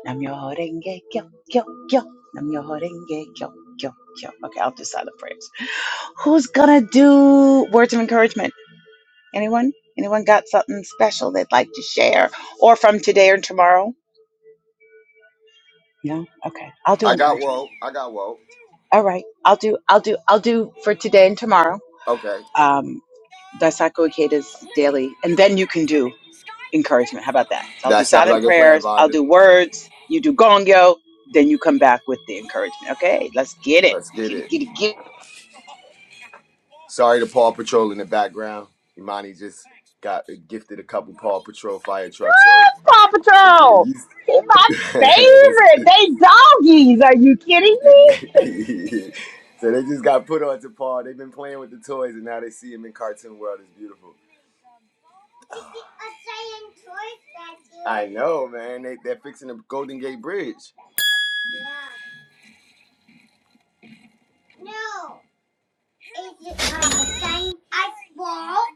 Speaker 1: Nam yo horenge kyo kyo kyo. Nam yo horenge kyo kyo kyo. Okay, I'll do silent prayers. Who's gonna do words of encouragement? Anyone? Anyone got something special they'd like to share, or from today or tomorrow? No. Okay, I'll do
Speaker 8: I got
Speaker 1: encouragement.
Speaker 8: woke. I got woke.
Speaker 1: All right, I'll do I'll do I'll do for today and tomorrow.
Speaker 8: Okay.
Speaker 1: um, Daisaku Ikeda's daily, and then you can do encouragement. How about that? So I'll do
Speaker 8: That sounds
Speaker 1: silent
Speaker 8: like a plan,
Speaker 1: prayers, I'll
Speaker 8: Vonda.
Speaker 1: do words, you do gongyo, then you come back with the encouragement. Okay, let's get it.
Speaker 8: Let's get
Speaker 1: Get it,
Speaker 8: it.
Speaker 1: get it, get it.
Speaker 8: Sorry to Paw Patrol in the background. Imani just got gifted a couple Paw Patrol fire trucks, so they get used. to (laughs) that's (laughs) so they just got put onto Paul. They've been playing with the toys, and now they see him in cartoon world. It's beautiful. It's a giant toy statue. I know, man. They, they're fixing the Golden Gate Bridge.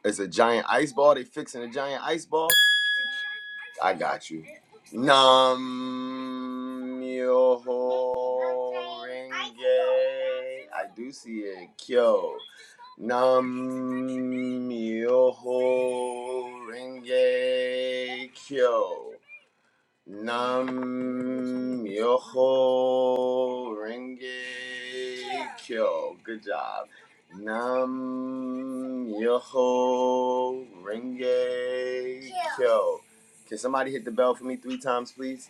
Speaker 8: It's a giant ice ball. They fixing a giant ice ball. I got you. Nam myoho renge. I do see it. Kyo. Nam myoho renge kyo. Nam Yoho Renge Kyo. Good job. Nam Yoho Renge Kyo. Can somebody hit the bell for me three times, please?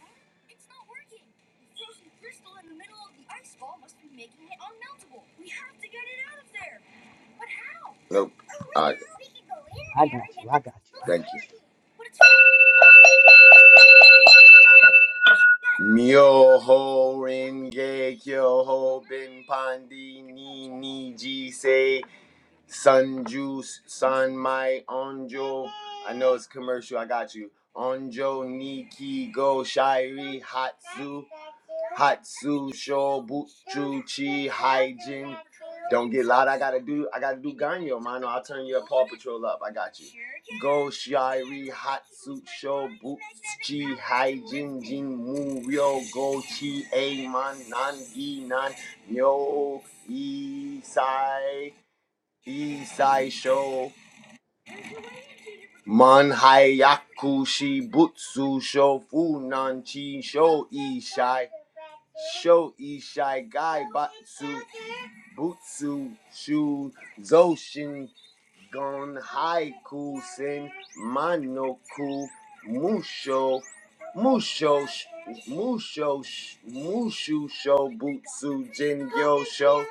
Speaker 8: Nope. All right. Thank you. Myoho Renge Kyo Ho Bin Pandi Ni Ni Ji Say Sun Juice, Sun My Onjo. I know it's commercial, I got you. Onjo, Niki, Go, Shairi, Hatsu, Hatsu, Sho, Butchu, Chi, Hyjin. Don't get loud, I gotta do I gotta do Ganyo, mano. I'll turn your Paw Patrol up, I got you. Go, Shairi, Hatsu, Sho, Butchi, Hyjin, Jin, Mu, Ryo, Go, Chi, A, Man, Nan, Gi, Nan, Yo, Isai. Isai Sho Manhayaku Shibutsu Sho Funan Chi Sho Ishai Sho Ishai Gai Batsu Butsu Shu Zoshin Gon Haiku Sen Manoku Musho Musho Musho Mushu Sho Butsu Jingyo Sho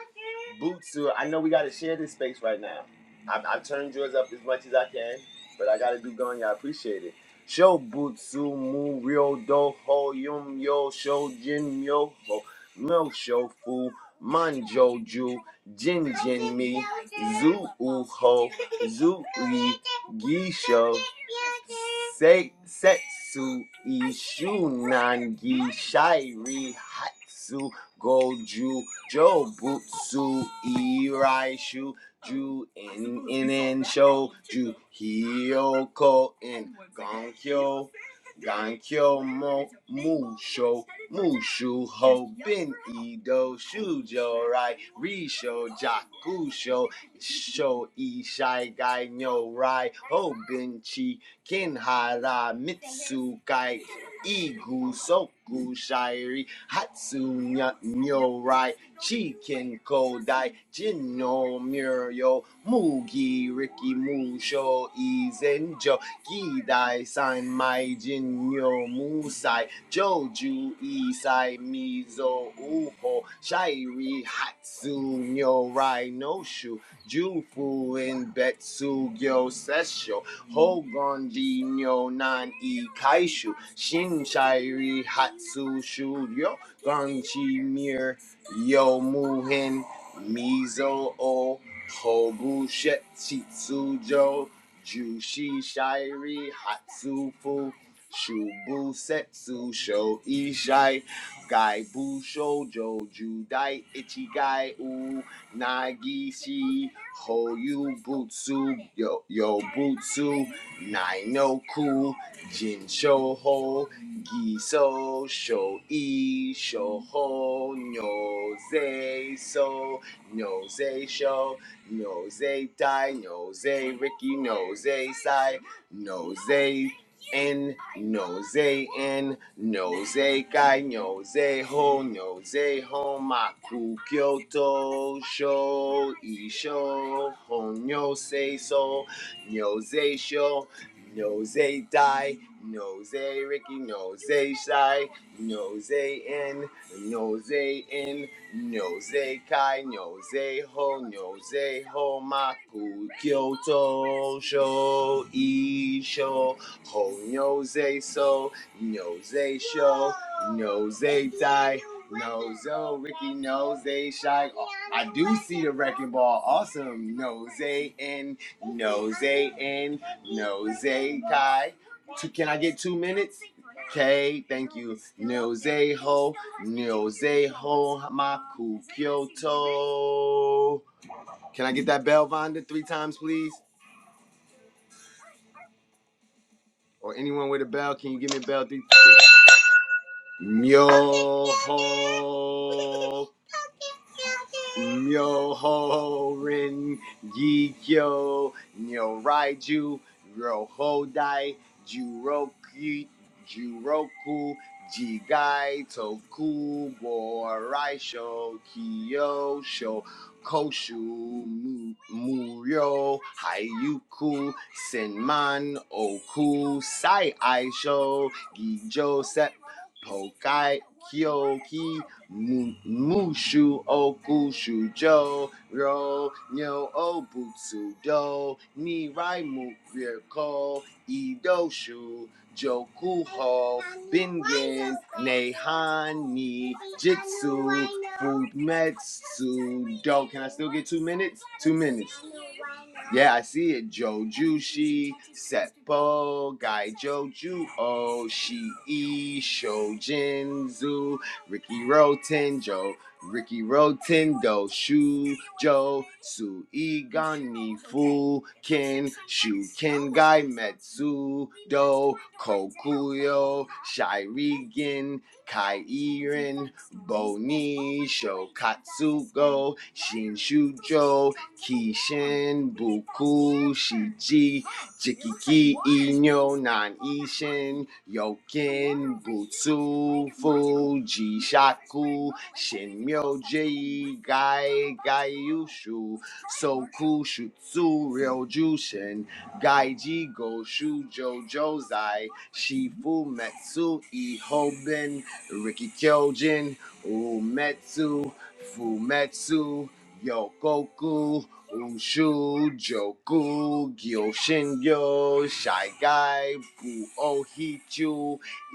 Speaker 8: Butsu. I know we gotta share this space right now. I've, I've turned yours up as much as I can, but I gotta do Gon. I appreciate it. Sho Butsu Mu Ryo Do Ho Yum Yo Sho Jin Yo ho Mel Shofu, Manjoju, Jin Jin Mi, Zu Uho, Zu Yi, Gisho, Se, Setsu, Ishunangi, Shairi, Hatsu, Goju, Jobutsu, Iraishu, Ju in in and show Ju Hyoko in Gonkyo Gankyo mo musho mushu ho bin ido shujo rai risho jakusho sho ishai gai nyo rai ho bin chi kinhara mitsu kai igu soku shairi hatsu nya- nyo rai chicken kodai jin no muryo mugi riki musho izenjo Gidai San Mai Yo Musai Joju Isai Mizo Uho Shairi Hatsu Nyo Rai No Jufu in Betsu Gyo Sesho Hogon Ji Nyo Nan I Shin Shairi Hatsu Shu Yo Gonchi Mir Yo Muhin Mizo O Hobu Shetsu Jo Jushi Shiri Hatsufu Shubu Setsu Sho Ishai Gai Bu Shoujo Judai Ichigai U Nagishi Hoyu Butsu Yo Yo Butsu Nainoku Jinsho Ho Giso Sho I Sho Ho Nyoze So Nyoze Sho Nose, die, nose, Ricky, nose, side, nose, in, nose, in, nose, guy, nose, ho, nose, homaku, Kyoto, show, isho, hon, nose, so, nose, show, nose, die, nose, Ricky, nose, side, nose, in, nose, in. Nyoze kai, nyoze ho, nyoze ho maku, kyoto sho isho, ho nyoze so, nyoze sho, nyoze dai, nozo, Ricky nose shy. Oh, I do see the wrecking ball, awesome, nose and Nose in, nose kai. can I get two minutes? Okay, thank you. Nose ho, nose ho, hamaku kyoto. Can I get that bell, Vonda, three times, please? Or anyone with a bell, can you give me a bell? Three. three. Myo ho. Myo ho rin gi kyo. Nyo raiju. Ro hodai. Juroku. Juroku. Jigai toku borai sho kyo sho koshu mu- muryo hayuku senman oku sai aisho gijo, Pokai Kyoki Mushu Okushu Jo Ro Nyo Obutsu Do Nirai Mukiriko Idoshu Jokuho, Bingen, Nehani, Jitsu, Fumetsu, Do. Can I still get two minutes? Two minutes. Yeah, I see it. Jojushi, Seppo, Gai Joju, Oshii, Shoujinzu, Ricky Rotenjo, Ricky Rotendo, Shu Joe, Su Igani Fu Ken, Shu Ken Gai Metsu Do, Kokuyo, Shirigen, Kai Irin, Boni, Shokatsugo, Shin Shujo, Kishin, Buku, Shiji, Jikiki Inyo Nan Ishin yokin Butsu Fuji Shaku Shin Jei Gai Gai Yushu Soku Shutsu Ryo Jushin Gai Jigo Shujo Jozai Shifu Metsu Ihoben Riki Kyojin Umetsu Fumetsu Yokoku Ushu, Joku, Gyoshinyo, Shy Guy, Gu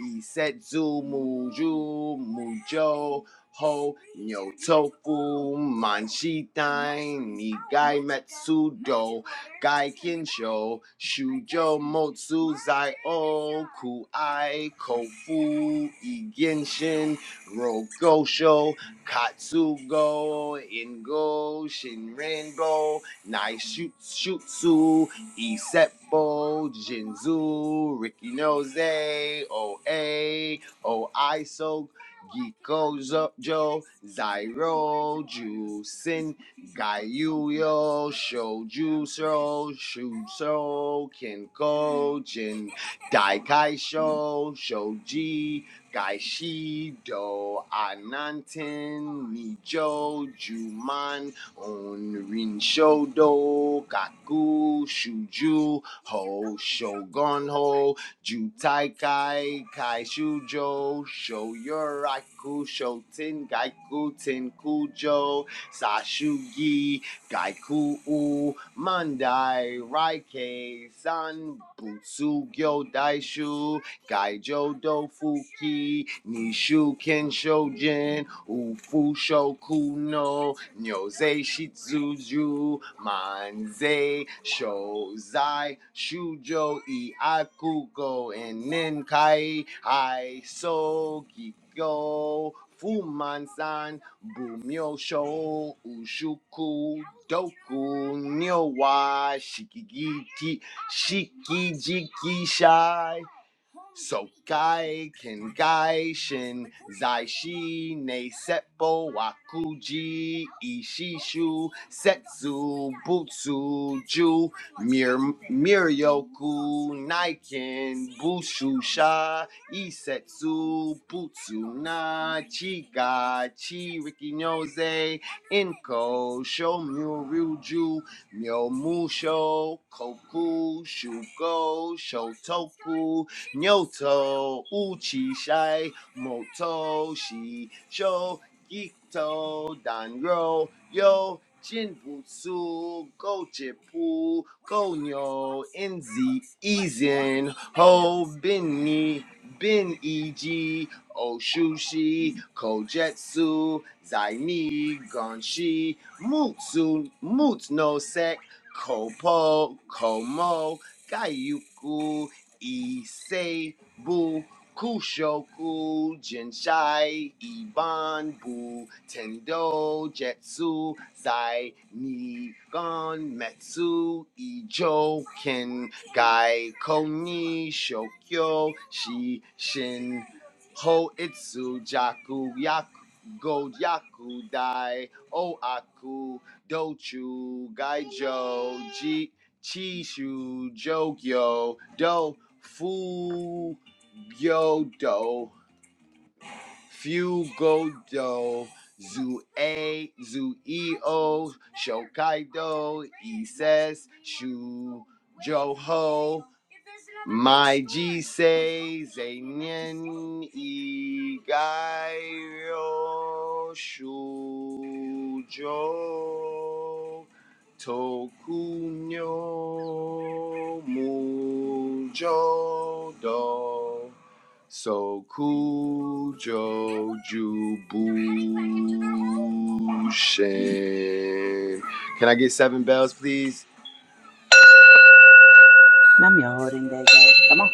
Speaker 8: Isetsu, Muju, Mujo, Ho, Nyotoku, Manshitai, Nigai Metsudo, Gai Kinsho, Shujo Motsu, Zai O, Kuai, Kofu, Igenshin, Rogosho, Katsugo, Ingo, Shinrengo, Naishutsu, Iseppo, Jinzu, Ricky Nose, OA, Oiso, Gikozo, Jo, Zairo, Jusin, Gaiuyo, Shojusro, Shuso, Kenko, Jin. Daikai Sho, Shoji, Gaishi, (laughs) Do, Ananten, Nijo, Juman, Onrin Shodo, Kaku, Shuju, Ho, Shogun Ho, Jutai Kai, Kai Shujo, Shoyoraku, Shoten, Gaiku, Tenkujo, Sashugi, Gaikuu, Mandai, Raikei, San, Butsu, Gyo, Daishu, Gaijo Dofuki, Nishu Kenshojin, Ufu Shokuno, Nyose Shitsuju, Manze, Shozai, Shujo, Iakugo, and Ninkai, Aiso, Giko, Fumansan, Bumyo Sho, Ushuku, Doku, Nyowa, Shikigiti, Shikijiki Shai, so gai ken gai shin zai shi ne seppo wakuji ishishu setsu butsu ju mir miryoku naiken bushu sha isetsu butsu na chiga chi rikinoze inko shomyu ryuju myomusho koku shugo shotoku Nyoto uchi shai moto shi sho gito danro yo jinbutsu gojipu gonyo enzi izen ho binni bin eg oshushi kojetsu zaini gonshi mutsu mutsu no sek kopo komo gayuku Issei Kushoku Jinshai Iban Bu Tendo Jetsu Zai Nigon Metsu Ijo Ken Gai Koni Shokyo Shi Shin Ho Itsu Jaku Yaku Go Yaku Dai oaku Dochu Gaijo ji chi shu jogyo do fu gyo do fu go do zu a zu e o shokai do ises shu Joho, my G say Zanyan e gaio shujo tokunyo mujo do sokujo jubu shen. Can I get seven bells, please?
Speaker 1: Nam yo holding Come on.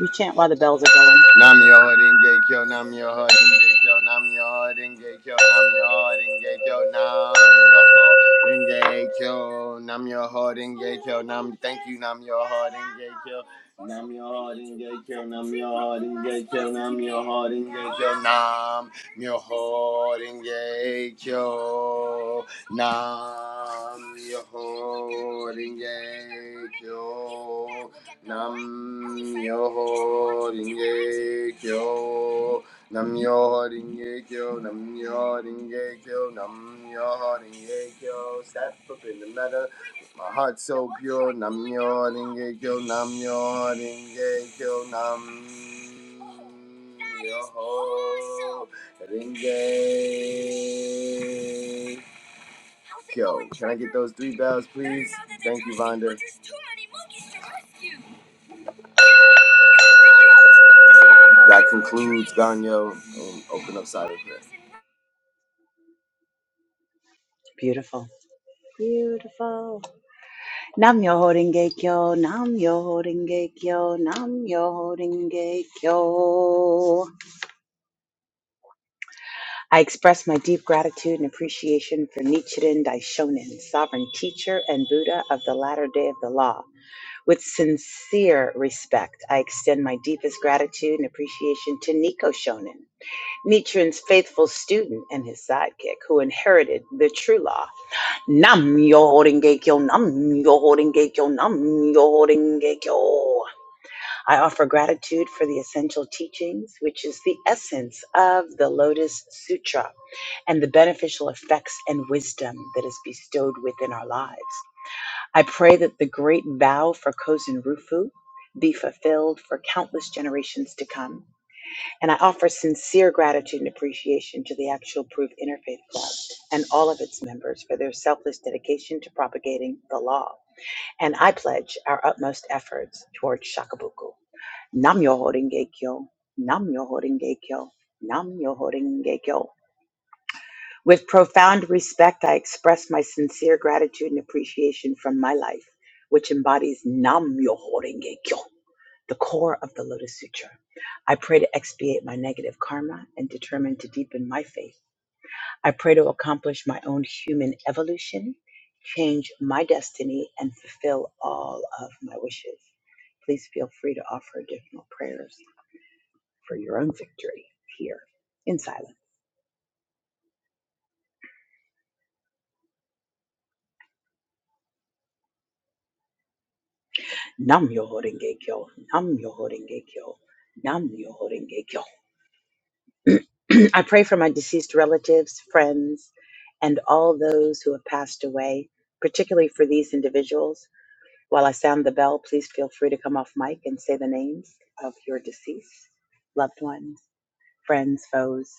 Speaker 1: We chant while the bells are going.
Speaker 8: Nam yo hardin gay kyo, nam yo hardin gay kyo, nam yo hardin gay kyo, nam yo hardin gay kyo, nam yo hardin gay kyo, nam yo hardin gay kyo, nam thank you, nam yo hardin gay kyo, nam yo hardin gay kyo, nam yo hardin gay kyo, myoho renge kyo nam myoho renge kyo nam myoho renge kyo nam myoho renge kyo Namyo Ringekyo, Namyo Ringekyo, Namyo Ringekyo. Step up in the meadow. My heart so pure. Namyo Ringekyo, Namyo Ringekyo, Nam. Yo, Ringe. Yo, can I get those three bells, please? Thank you, Vonda. There's too many monkeys to rescue. That concludes Ganyo and Open Up Side of Prayer.
Speaker 1: Beautiful. Beautiful. Nam yo holding kyo. Nam yo holding kyo. Nam yo holding kyo. I express my deep gratitude and appreciation for Nichiren Daishonin, sovereign teacher and Buddha of the latter day of the law. With sincere respect, I extend my deepest gratitude and appreciation to Niko Shonin, Nichiren's faithful student and his sidekick who inherited the true law. Nam yo holding gekyo, nam yo holding gekyo, nam yo holding gekyo. I offer gratitude for the essential teachings, which is the essence of the Lotus Sutra and the beneficial effects and wisdom that is bestowed within our lives. I pray that the great vow for Kozen Rufu be fulfilled for countless generations to come. And I offer sincere gratitude and appreciation to the Actual Proof Interfaith Club and all of its members for their selfless dedication to propagating the law. And I pledge our utmost efforts towards Shakabuku. Nam Yo Horinge Kyo, Nam Yo Horinge Kyo, Nam Yo Horinge Kyo. With profound respect, I express my sincere gratitude and appreciation from my life, which embodies Nam Yo Horinge Kyo, the core of the Lotus Sutra. I pray to expiate my negative karma and determine to deepen my faith. I pray to accomplish my own human evolution, change my destiny, and fulfill all of my wishes. Please feel free to offer additional prayers. for your own victory here in silence. Nam Yoho Renge Kyo, Nam Yoho Renge Kyo, Nam Yoho Renge Kyo. (clears throat) I pray for my deceased relatives, friends, and all those who have passed away, particularly for these individuals. While I sound the bell, please feel free to come off mic and say the names of your deceased loved ones, friends, foes.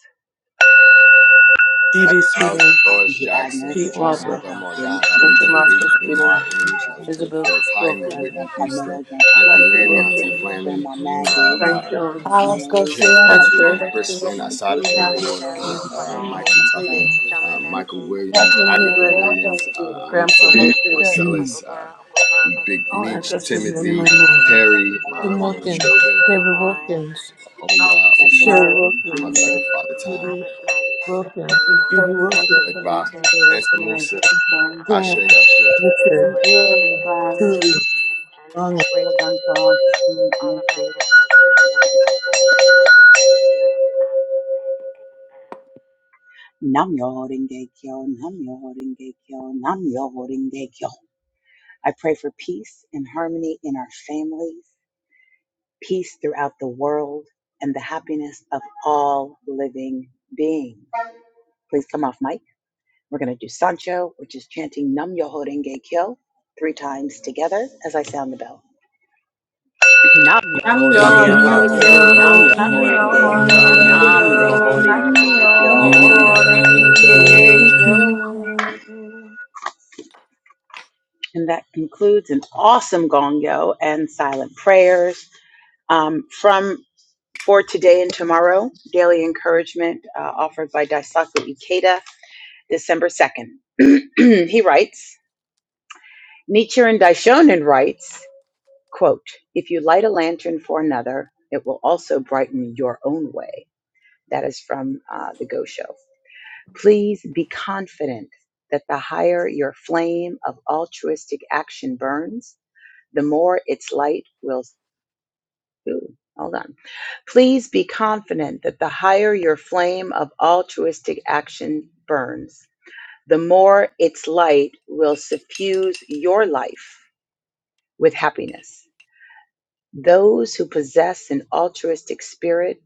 Speaker 8: Happy
Speaker 6: Judy
Speaker 8: Hours,
Speaker 6: Sweden,
Speaker 1: My
Speaker 8: Dolores
Speaker 1: Auntie Agnes,
Speaker 8: Jackson,
Speaker 6: Pete
Speaker 1: my dad,
Speaker 6: Warbrough,
Speaker 8: Jessica
Speaker 1: Ralph Jameson,
Speaker 8: Morgana,
Speaker 1: my
Speaker 6: Richard Moscow
Speaker 1: grandma,
Speaker 8: Adrian
Speaker 6: Sweden,
Speaker 8: Martin,
Speaker 1: Mary,
Speaker 8: Charlie Kirk,
Speaker 6: Isabel
Speaker 8: Phillips Hyman,
Speaker 1: um,
Speaker 6: Wilkins,
Speaker 8: Whitney
Speaker 1: Grandpa
Speaker 8: Houston,
Speaker 1: Miller, Grandpa
Speaker 8: Auntie
Speaker 6: Leslie
Speaker 8: Lanny,
Speaker 1: Cooper,
Speaker 8: Auntie
Speaker 10: Nam
Speaker 6: Wilkins,
Speaker 8: Flanny,
Speaker 1: Grandma Maggie,
Speaker 8: um,
Speaker 6: Frank
Speaker 8: uh,
Speaker 1: Aunt
Speaker 6: Jones,
Speaker 11: Alex
Speaker 1: Mary,
Speaker 8: Kent
Speaker 11: Garcia,
Speaker 8: Kent
Speaker 1: Cousin
Speaker 11: Maria
Speaker 6: Hester,
Speaker 8: Jerome
Speaker 1: Harold,
Speaker 11: Garcia,
Speaker 8: Crispin,
Speaker 1: Aaron
Speaker 8: Asada
Speaker 11: Ina
Speaker 1: Baker,
Speaker 8: Shakur,
Speaker 1: Joe,
Speaker 7: Delia
Speaker 1: and
Speaker 8: uh,
Speaker 7: Sly
Speaker 6: James
Speaker 1: Rob,
Speaker 8: Michael
Speaker 7: Hicks,
Speaker 1: and
Speaker 6: Sweden,
Speaker 8: Tucker,
Speaker 1: Francis,
Speaker 7: Delma
Speaker 8: uh,
Speaker 1: and
Speaker 8: Michael
Speaker 7: Maxine
Speaker 1: Ricky,
Speaker 7: Hicks,
Speaker 8: Williams,
Speaker 6: Kathleen
Speaker 7: Wiley,
Speaker 1: and
Speaker 8: Agatha
Speaker 6: Huber,
Speaker 7: Mary
Speaker 11: Manuel
Speaker 1: Apollo,
Speaker 8: Williams, uh,
Speaker 11: Garcia,
Speaker 6: Grandpa,
Speaker 8: Anita
Speaker 7: Brown,
Speaker 11: Alfred,
Speaker 1: (clears throat)
Speaker 6: Jack,
Speaker 8: Marcellus,
Speaker 7: Uncle
Speaker 8: uh,
Speaker 7: Brown, Uncle Charles, Uncle
Speaker 8: Big
Speaker 6: all
Speaker 8: Meech,
Speaker 7: Dean,
Speaker 6: ancestors
Speaker 1: Ruby,
Speaker 7: Nolan,
Speaker 6: known
Speaker 1: and
Speaker 6: and
Speaker 8: Timothy,
Speaker 6: unknown.
Speaker 8: Terry,
Speaker 7: English,
Speaker 8: my
Speaker 6: Jim
Speaker 8: unborn
Speaker 1: Rose,
Speaker 6: Wilkins,
Speaker 8: children.
Speaker 7: Anna
Speaker 6: Deborah
Speaker 7: Maud,
Speaker 6: Wilkins,
Speaker 8: Oya,
Speaker 11: Albert
Speaker 1: and
Speaker 8: Oshun,
Speaker 6: Sherry
Speaker 1: Mark,
Speaker 7: James
Speaker 11: Tavares,
Speaker 1: and
Speaker 6: Wilkins,
Speaker 8: Mother
Speaker 7: Smiley,
Speaker 1: Junior.
Speaker 8: Earth, Father Time.
Speaker 6: Judy
Speaker 7: Robert Smiley, Edward
Speaker 6: Wilkins,
Speaker 7: Smiley, William
Speaker 6: Judy
Speaker 11: Terry
Speaker 7: Smiley,
Speaker 6: Wilkins,
Speaker 11: Griffith,
Speaker 7: James
Speaker 8: Bye.
Speaker 11: Mountain
Speaker 7: Smith,
Speaker 11: Dale,
Speaker 8: Master
Speaker 7: Yasir
Speaker 11: Finnegan's
Speaker 8: Musa,
Speaker 7: Smith, and
Speaker 11: Run,
Speaker 8: Ashe,
Speaker 6: Clarence
Speaker 7: Antoinette,
Speaker 8: Ashe.
Speaker 6: Richard,
Speaker 7: Priscilla
Speaker 11: Nigeria, and
Speaker 7: Stevenson,
Speaker 11: Brian,
Speaker 7: Romelia,
Speaker 6: Julie
Speaker 7: and
Speaker 6: Longing.
Speaker 7: Edward Hicks,
Speaker 11: Elegant Bob,
Speaker 7: all of my ancestors, all of my heroes, heroes, I say amen.
Speaker 1: Nam yo horinge kyo, nam yo horinge kyo, nam yo horinge kyo. I pray for peace and harmony in our families, peace throughout the world, and the happiness of all living beings. Please come off mic We're going to do Sancho, which is chanting Nam Yoho Renge Kyo three times together as I sound the bell. Nam Yoho
Speaker 6: Nam
Speaker 11: Namio,
Speaker 1: Renge
Speaker 6: yo
Speaker 8: Nah,
Speaker 10: yo
Speaker 1: Kyo,
Speaker 8: yo,
Speaker 10: holding
Speaker 1: Nam
Speaker 11: Rengekyo,
Speaker 10: it
Speaker 6: kyo,
Speaker 1: Yoho
Speaker 11: Namio,
Speaker 1: Renge
Speaker 6: nam
Speaker 10: nam
Speaker 6: yo
Speaker 1: Kyo,
Speaker 10: yo
Speaker 7: Nam yo
Speaker 1: Nam
Speaker 10: holding
Speaker 7: ho
Speaker 6: kyo,
Speaker 10: it
Speaker 11: Rengekyo,
Speaker 1: Yoho
Speaker 7: yo, nam
Speaker 1: Renge
Speaker 7: yo
Speaker 10: nam
Speaker 7: renge
Speaker 1: Kyo.
Speaker 6: nam
Speaker 7: yo,
Speaker 6: yo
Speaker 7: nam
Speaker 11: Namio,
Speaker 10: yo
Speaker 7: yo
Speaker 10: holding
Speaker 7: renge yo.
Speaker 6: kyo,
Speaker 10: it
Speaker 11: Rengekyo.
Speaker 1: And that concludes an awesome gongyo and silent prayers um, from for today and tomorrow. Daily encouragement uh, offered by Daisaku Ikeda, December 2nd. (clears throat) he writes, Nietzsche and Daishonin writes. Quote, If you light a lantern for another, it will also brighten your own way. That is from uh, the Go Show. Please be confident that the higher your flame of altruistic action burns, the more its light will. Ooh, hold on. Please be confident that the higher your flame of altruistic action burns, the more its light will suffuse your life with happiness. Those who possess an altruistic spirit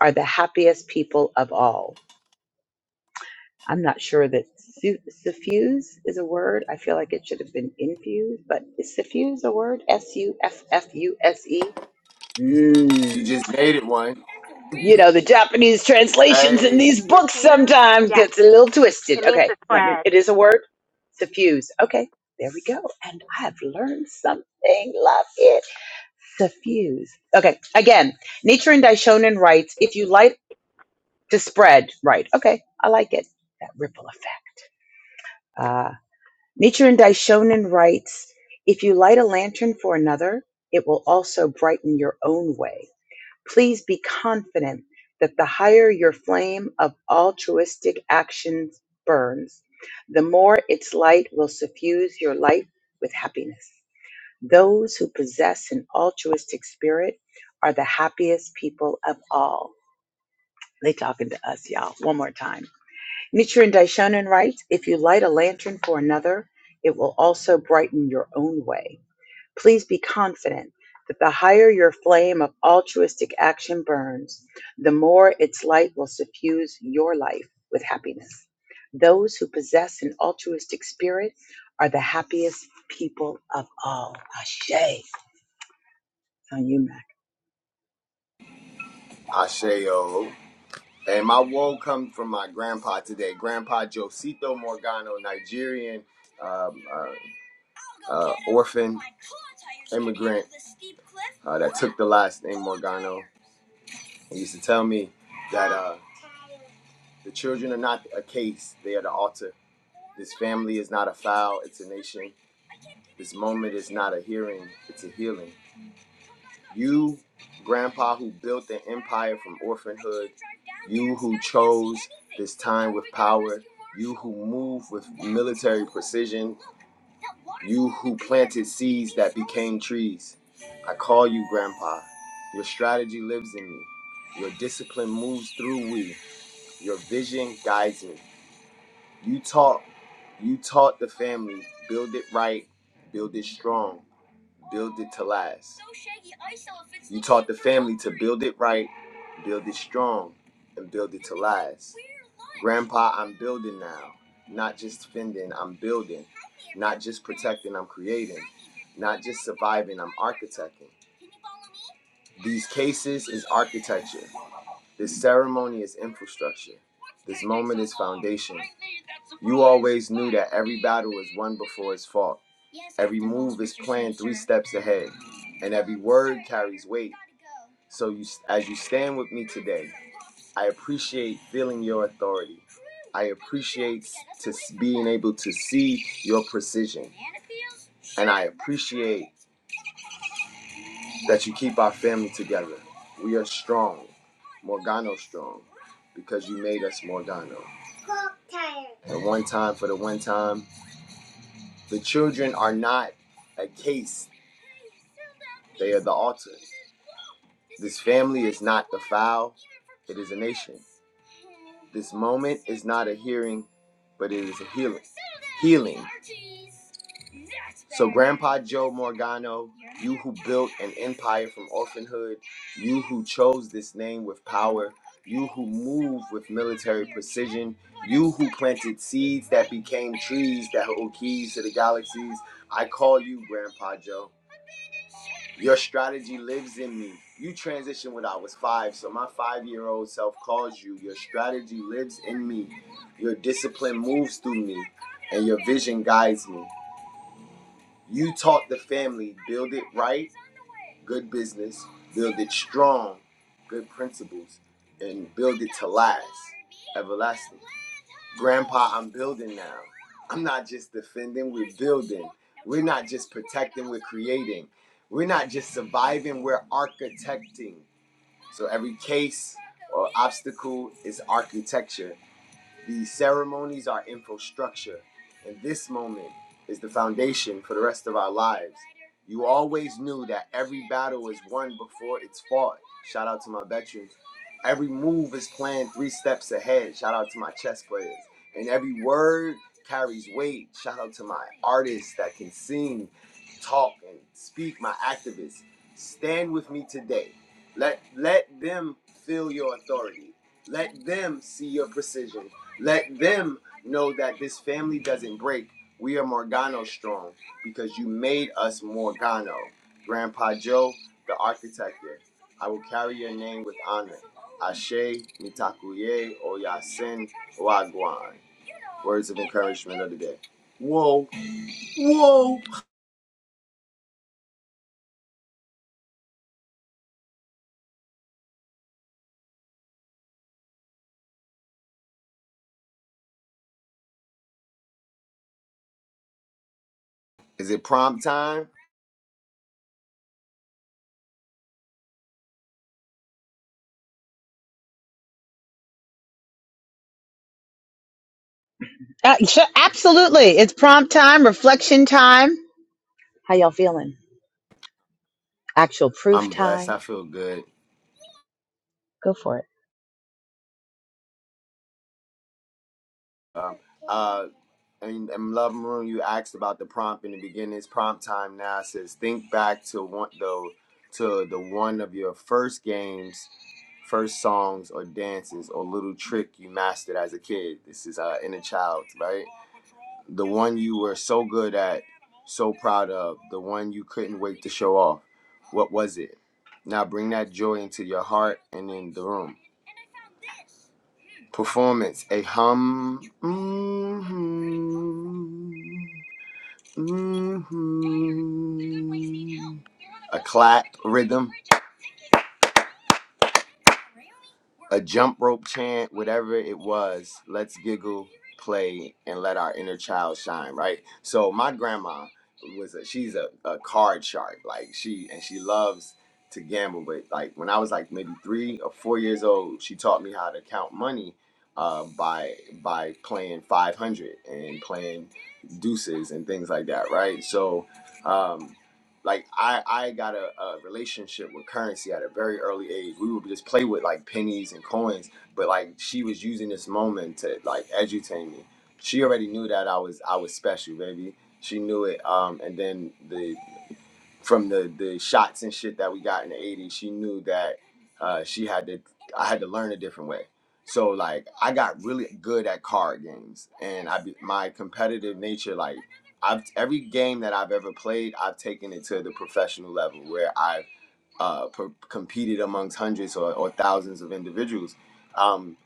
Speaker 1: are the happiest people of all. I'm not sure that su- suffuse is a word. I feel like it should have been infused, but is suffuse a word? S U F F U S E?
Speaker 8: You
Speaker 1: Mmm.
Speaker 8: just made it one.
Speaker 1: You know, the Japanese translations in
Speaker 8: Hey,
Speaker 1: these books
Speaker 7: Diffuse?
Speaker 1: sometimes
Speaker 7: Yes.
Speaker 1: gets a little twisted.
Speaker 7: It means
Speaker 1: Okay,
Speaker 7: to
Speaker 1: let me,
Speaker 7: spread.
Speaker 1: it is a word? Suffuse. Okay, there we go. And I've learned something. Love it. Suffuse. Okay. Again, Nichiren Daishonin writes, if you light to spread, right. Okay. I like it. That ripple effect. Uh, Nichiren Daishonin writes, if you light a lantern for another, it will also brighten your own way. Please be confident that the higher your flame of altruistic actions burns, the more its light will suffuse your life with happiness. Those who possess an altruistic spirit are the happiest people of all. They talking to us, y'all. One more time. Nichiren Daishonin writes, if you light a lantern for another, it will also brighten your own way. Please be confident that the higher your flame of altruistic action burns, the more its light will suffuse your life with happiness. Those who possess an altruistic spirit are the happiest people of all. Ashe on you, Mac.
Speaker 8: Ashe, yo. And my woe comes from my grandpa today. Grandpa Josito Morgano, Nigerian um, uh, uh, orphan immigrant uh, that took the last name Morgano. He used to tell me that uh, the children are not a case, they are the altar. This family is not a file, it's a nation. This moment is not a hearing, it's a healing. You, grandpa, who built an empire from orphanhood, you who chose this time with power, you who move with military precision, you who planted seeds that became trees. I call you grandpa. Your strategy lives in me. Your discipline moves through we. Your vision guides me. You taught you taught the family build it right, build it strong, build it to last. You taught the family to build it right, build it strong, and build it to last. Grandpa, I'm building now. Not just fending, I'm building. Not just protecting, I'm creating. Not just surviving, I'm architecting. These cases is architecture. This ceremony is infrastructure. This moment is foundation. You always knew that every battle is won before it's fought. Every move is planned three steps ahead, and every word carries weight. So you, as you stand with me today, I appreciate feeling your authority. I appreciate to being able to see your precision, and I appreciate that you keep our family together. We are strong, Morgano strong, because you made us Morgano. And one time for the one time, the children are not a case, they are the altar. This family is not the foul, it is a nation. This moment is not a hearing, but it is a healing. Healing. So, Grandpa Joe Morgano, you who built an empire from orphanhood, you who chose this name with power, you who move with military precision, you who planted seeds that became trees that hold keys to the galaxies, I call you Grandpa Joe. Your strategy lives in me. You transitioned when I was five, so my five year old self calls you. Your strategy lives in me. Your discipline moves through me, and your vision guides me. You taught the family build it right, good business, build it strong, good principles, and build it to last, everlasting. Grandpa, I'm building now. I'm not just defending, we're building. We're not just protecting, we're creating. We're not just surviving, we're architecting. So every case or obstacle is architecture. These ceremonies are infrastructure, and this moment is the foundation for the rest of our lives. You always knew that every battle is won before it's fought. Shout out to my veterans. Every move is planned three steps ahead. Shout out to my chess players. And every word carries weight. Shout out to my artists that can sing, talk, and speak, my activists. Stand with me today. Let let them feel your authority. Let them see your precision. Let them know that this family doesn't break. We are Morgano strong because you made us Morgano. Grandpa Joe, the architect here. I will carry your name with honor. Ashe, Mitakuye, Oyasin, Wagwan. Words of encouragement of the day. Whoa, whoa. Is it prom time?
Speaker 1: Uh, sure, absolutely. It's prompt time, reflection time. How y'all feeling? Actual proof
Speaker 8: I'm blessed. I
Speaker 1: time.
Speaker 8: feel good.
Speaker 1: Go for it.
Speaker 8: Um, uh, and, and Love Maroon, you asked about the prompt in the beginning. It's prompt time now. It says, think back to one though to the one of your first games, first songs or dances or little trick you mastered as a kid. This is uh, inner child, right? The one you were so good at, so proud of, the one you couldn't wait to show off. What was it? Now bring that joy into your heart and in the room. Performance a hum. hmm hmm A clap rhythm a jump rope chant, whatever it was, let's giggle, play, and let our inner child shine, right? So my grandma was a she's a, a card shark. Like she and she loves to gamble, but like when I was like maybe three or four years old, she taught me how to count money uh, by by playing five hundred and playing deuces and things like that, right? So um, like I I got a, a relationship with currency at a very early age. We would just play with like pennies and coins, but like she was using this moment to like educate me. She already knew that I was I was special, baby. She knew it. Um, and then the from the the shots and shit that we got in the 80s she knew that uh she had to i had to learn a different way so like i got really good at card games and i be- my competitive nature like i've every game that i've ever played i've taken it to the professional level where i uh, per- competed amongst hundreds or, or thousands of individuals. Um,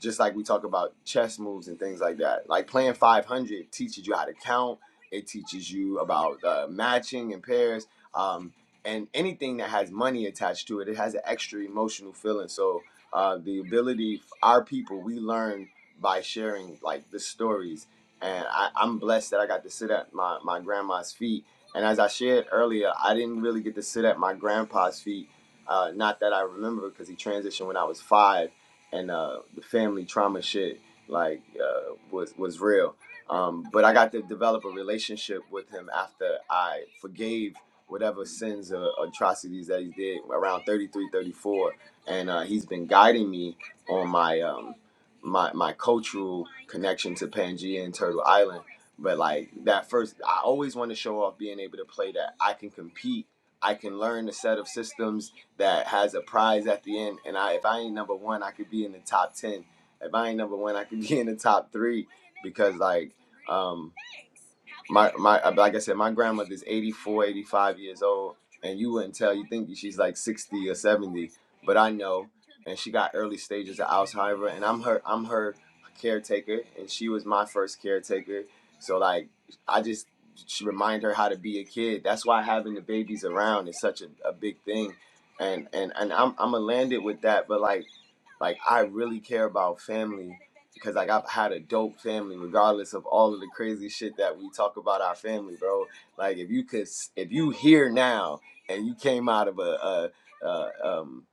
Speaker 8: just like we talk about chess moves and things like that. Like playing 500 teaches you how to count, it teaches you about uh, matching and pairs. Um, and anything that has money attached to it, it has an extra emotional feeling. So, uh, the ability, our people, we learn by sharing like the stories. And I, I'm blessed that I got to sit at my, my grandma's feet and as I shared earlier, I didn't really get to sit at my grandpa's feet. Uh, not that I remember, because he transitioned when I was five, and uh, the family trauma shit like uh, was was real. Um, but I got to develop a relationship with him after I forgave whatever sins or atrocities that he did around 33, 34. And uh, he's been guiding me on my um, my my cultural connection to Pangea and Turtle Island but like that first, I always want to show off being able to play that I can compete. I can learn a set of systems that has a prize at the end. And I, if I ain't number one, I could be in the top ten. If I ain't number one, I could be in the top three because like um my my uh, like I said, my grandmother's 84, 85 years old, and you wouldn't tell. You think she's like sixty or seventy, but I know. And she got early stages of Alzheimer, and I'm her I'm her caretaker, and she was my first caretaker so like I just should remind her how to be a kid. That's why having the babies around is such a, a big thing. And and and I'm I'm gonna land it with that, but like like I really care about family because like I've had a dope family regardless of all of the crazy shit that we talk about our family, bro. Like if you could s- if you here now and you came out of a, a, a um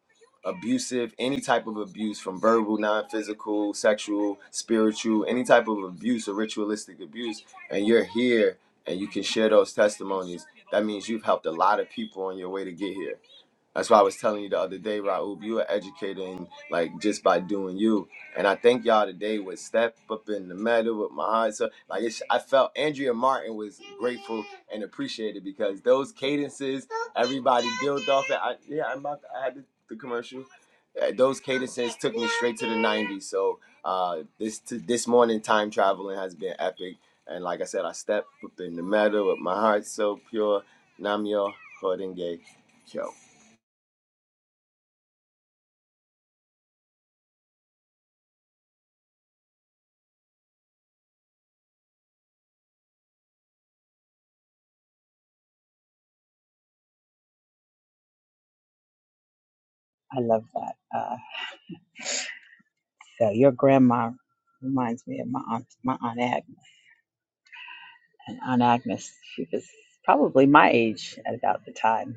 Speaker 8: abusive, any type of abuse from verbal, non physical, sexual, spiritual, any type of abuse or ritualistic abuse, and you're here and you can share those testimonies, that means you've helped a lot of people on your way to get here. That's why I was telling you the other day, Raoub, you are educating like just by doing you. And I think y'all today with Step Up in the Meadow with my heart, So like it's, I felt Andrea Martin was grateful and appreciated because those cadences, everybody built off it. I, yeah, I'm about to, I had the, the commercial. Uh, Those cadences took me straight to the 90s. So uh, this to, this morning time traveling has been epic. And like I said, I stepped up in the meadow with my heart so pure. Namyo Horenge Kyo.
Speaker 1: I love that. Uh, so your grandma reminds me of my aunt, my aunt Agnes. And Aunt Agnes, she was probably my age at about the time.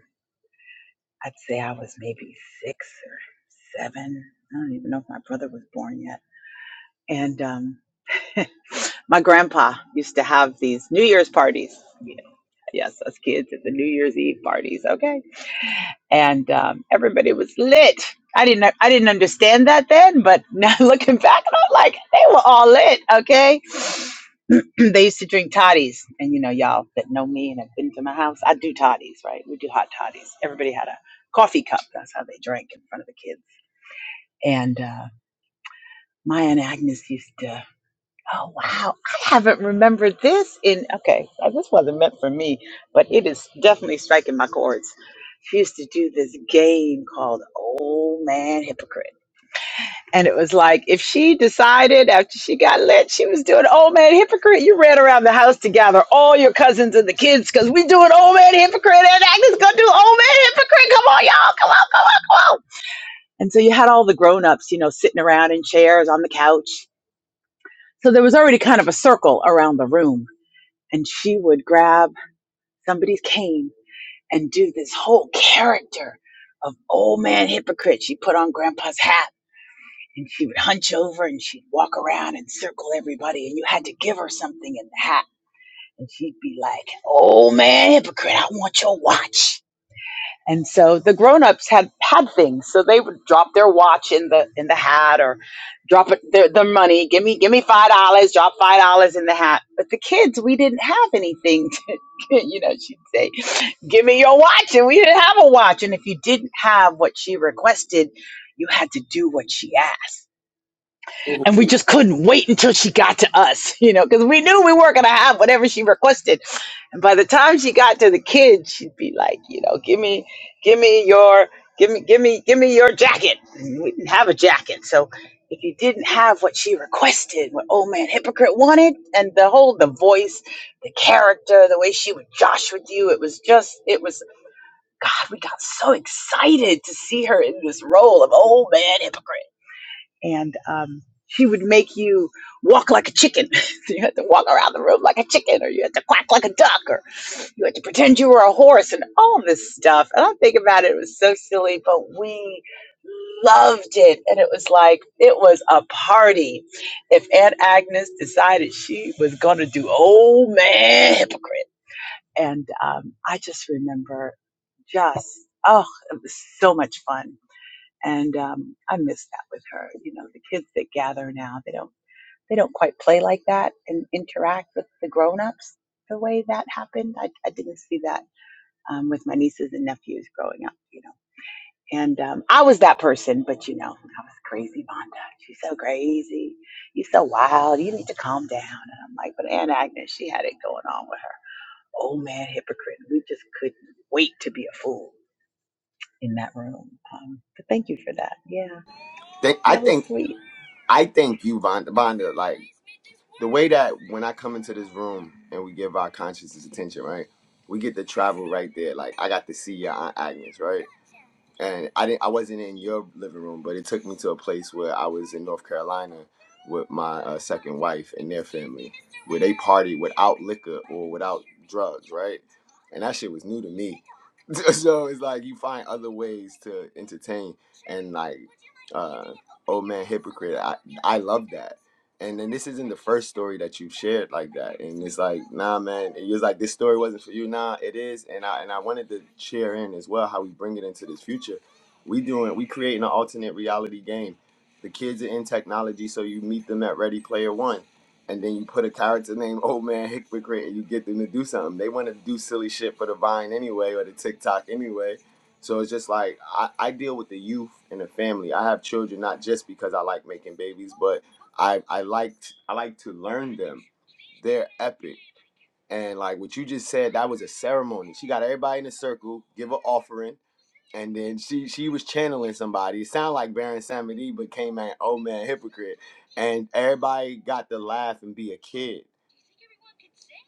Speaker 1: I'd say I was maybe six or seven. I don't even know if my brother was born yet. And um, (laughs) my grandpa used to have these New Year's parties. You know, yes, us kids at the New Year's Eve parties. Okay and um, everybody was lit. I didn't I didn't understand that then, but now (laughs) looking back, and I'm like, they were all lit. Okay, (clears throat) they used to drink toddies, and you know, y'all that know me and have been to my house, I do toddies, right? We do hot toddies. Everybody had a coffee cup. That's how they drank in front of the kids. And uh, Maya and Agnes used to. Oh wow, I haven't remembered this in okay, uh, this wasn't meant for me, but it is definitely striking my chords. She used to do this game called Old Man Hypocrite. And it was like if she decided after she got lit, she was doing Old Man Hypocrite, you ran around the house to gather all your cousins and the kids because we doing Old Man Hypocrite and Agnes gonna do Old Man Hypocrite. Come on, y'all, come on, come on, come on. And so you had all the grown ups, you know, sitting around in chairs on the couch. So there was already kind of a circle around the room and she would grab somebody's cane and do this whole character of old man hypocrite. She put on grandpa's hat and she would hunch over and she'd walk around and circle everybody and you had to give her something in the hat. And she'd be like, old man hypocrite, I want your watch. And so the grown-ups had had things. So they would drop their watch in the in the hat or drop it their, their money. Give me give me five dollars, drop five dollars in the hat. But the kids, we didn't have anything to (laughs) you know, she'd say, Give me your watch. And we didn't have a watch. And if you didn't have what she requested, you had to do what she asked and we
Speaker 8: Think,
Speaker 1: just couldn't wait until she got to us, (laughs) you know, because we knew we weren't going to have whatever she requested. And by the time she got to the kids, she'd be like, you know, give me, give me your, give me, give me, give me your jacket. And we didn't have a jacket, so if you didn't have what she requested, what old man hypocrite wanted, and the whole, the voice, the character, the way she would josh with you, it was just, it was. God, we got so excited to see her in this role of old man hypocrite and um, she would make you walk like a chicken. (laughs) you had to walk around the room like a chicken, or you had to quack like a duck, or you had to pretend you were a horse, and all this stuff. And I think about it, it was so silly, but we loved it, and it was like it was a party. If Aunt Agnes decided she was going to do old man hypocrite, and um, I just remember just oh, it was so much fun and um, I miss that with her. You know, the kids that gather now, they don't they don't quite play like that and interact with the grown ups the way that happened. I, I didn't see that um, with my nieces and nephews growing up. You know, and um, I was that person, but you know, I was crazy, Vonda. She's so crazy. You're so wild. You need to calm down. And I'm like, but Aunt Agnes, she had it going on with her. Old man hypocrite. We just couldn't wait to be a fool in that room. Um, but thank you for that. Yeah,
Speaker 8: I
Speaker 1: that was
Speaker 8: think
Speaker 1: sweet.
Speaker 8: I think you Vonda, Vonda like the way that when I come into this room and we give our consciousness attention, right? We get to travel right there. Like I got to see your Aunt Agnes, right? and I didn't I wasn't in your living room, but it took me to a place where I was in North Carolina with my uh, second wife and their family, where they partied without liquor or without drugs, right? And that shit was new to me. (laughs) so it's like you find other ways to entertain and like uh old man hypocrite. I I love that. And then this isn't the first story that you've shared like that. And it's like, nah, man. It was like this story wasn't for you. Nah, it is. And I and I wanted to share in as well how we bring it into this future. We doing we creating an alternate reality game. The kids are in technology, so you meet them at Ready Player One. And then you put a character named Old Man Hypocrite and you get them to do something. They want to do silly shit for the Vine anyway or the TikTok anyway. So it's just like I, I deal with the youth and the family. I have children not just because I like making babies, but I I liked I like to learn them. They're epic. And like what you just said, that was a ceremony. She got everybody in a circle, give an offering, and then she she was channeling somebody. It sounded like Baron Samedi, but came at oh man hypocrite. And everybody got to laugh and be a kid.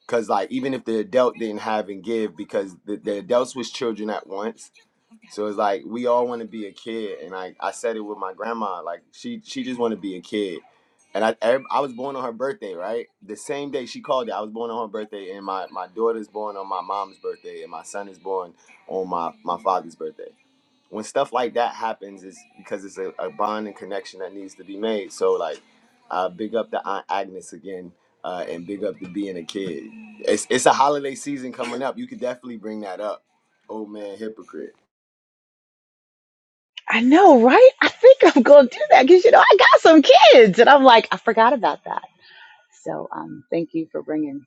Speaker 8: Cause like even if the adult didn't have and give, because the, the adults was children at once so it's like we all want to be a kid, and I, I said it with my grandma. Like she she just want to be a kid, and I ev- I was born on her birthday, right? The same day she called it, I was born on her birthday, and my my daughter's born on my mom's birthday, and my son is born on my my father's birthday. When stuff like that happens, it's because it's a, a bond and connection that needs to be made. So like, uh, big up the Aunt Agnes again, uh, and big up the being a kid. It's it's a holiday season coming up. You could definitely bring that up. Old man, hypocrite.
Speaker 1: I know, right? I think I'm going to do that because, you know, I got some kids. And I'm like, I forgot about that. So um, thank you for bringing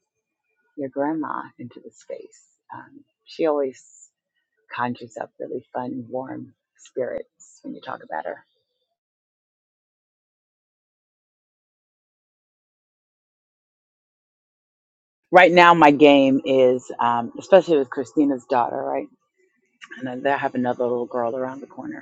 Speaker 1: your grandma into the space. Um, she always conjures up really fun, warm spirits when you talk about her. Right now, my game is, um, especially with Christina's daughter, right? And then I have another little girl around the corner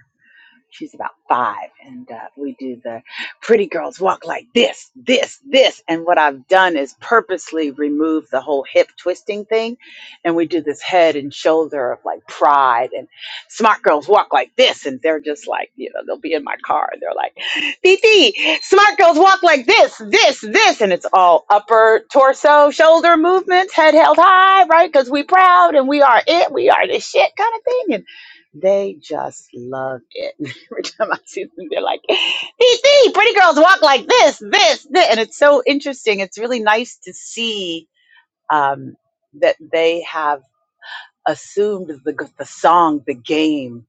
Speaker 1: She's about five, and uh, we do the pretty girls walk like this, this, this. And what I've done is purposely remove the whole hip twisting thing, and we do this head and shoulder of like pride. And smart girls walk like this, and they're just like, you know, they'll be in my car, and they're like, "Tt, smart girls walk like this, this, this," and it's all upper torso, shoulder movements, head held high, right? Because we proud and we are it, we are the shit kind of thing. They just love it. (laughs) Every time I see them, they're like, DC, pretty girls walk like this, this, this. And it's so interesting. It's really nice to see um, that they have assumed the, the song, the game,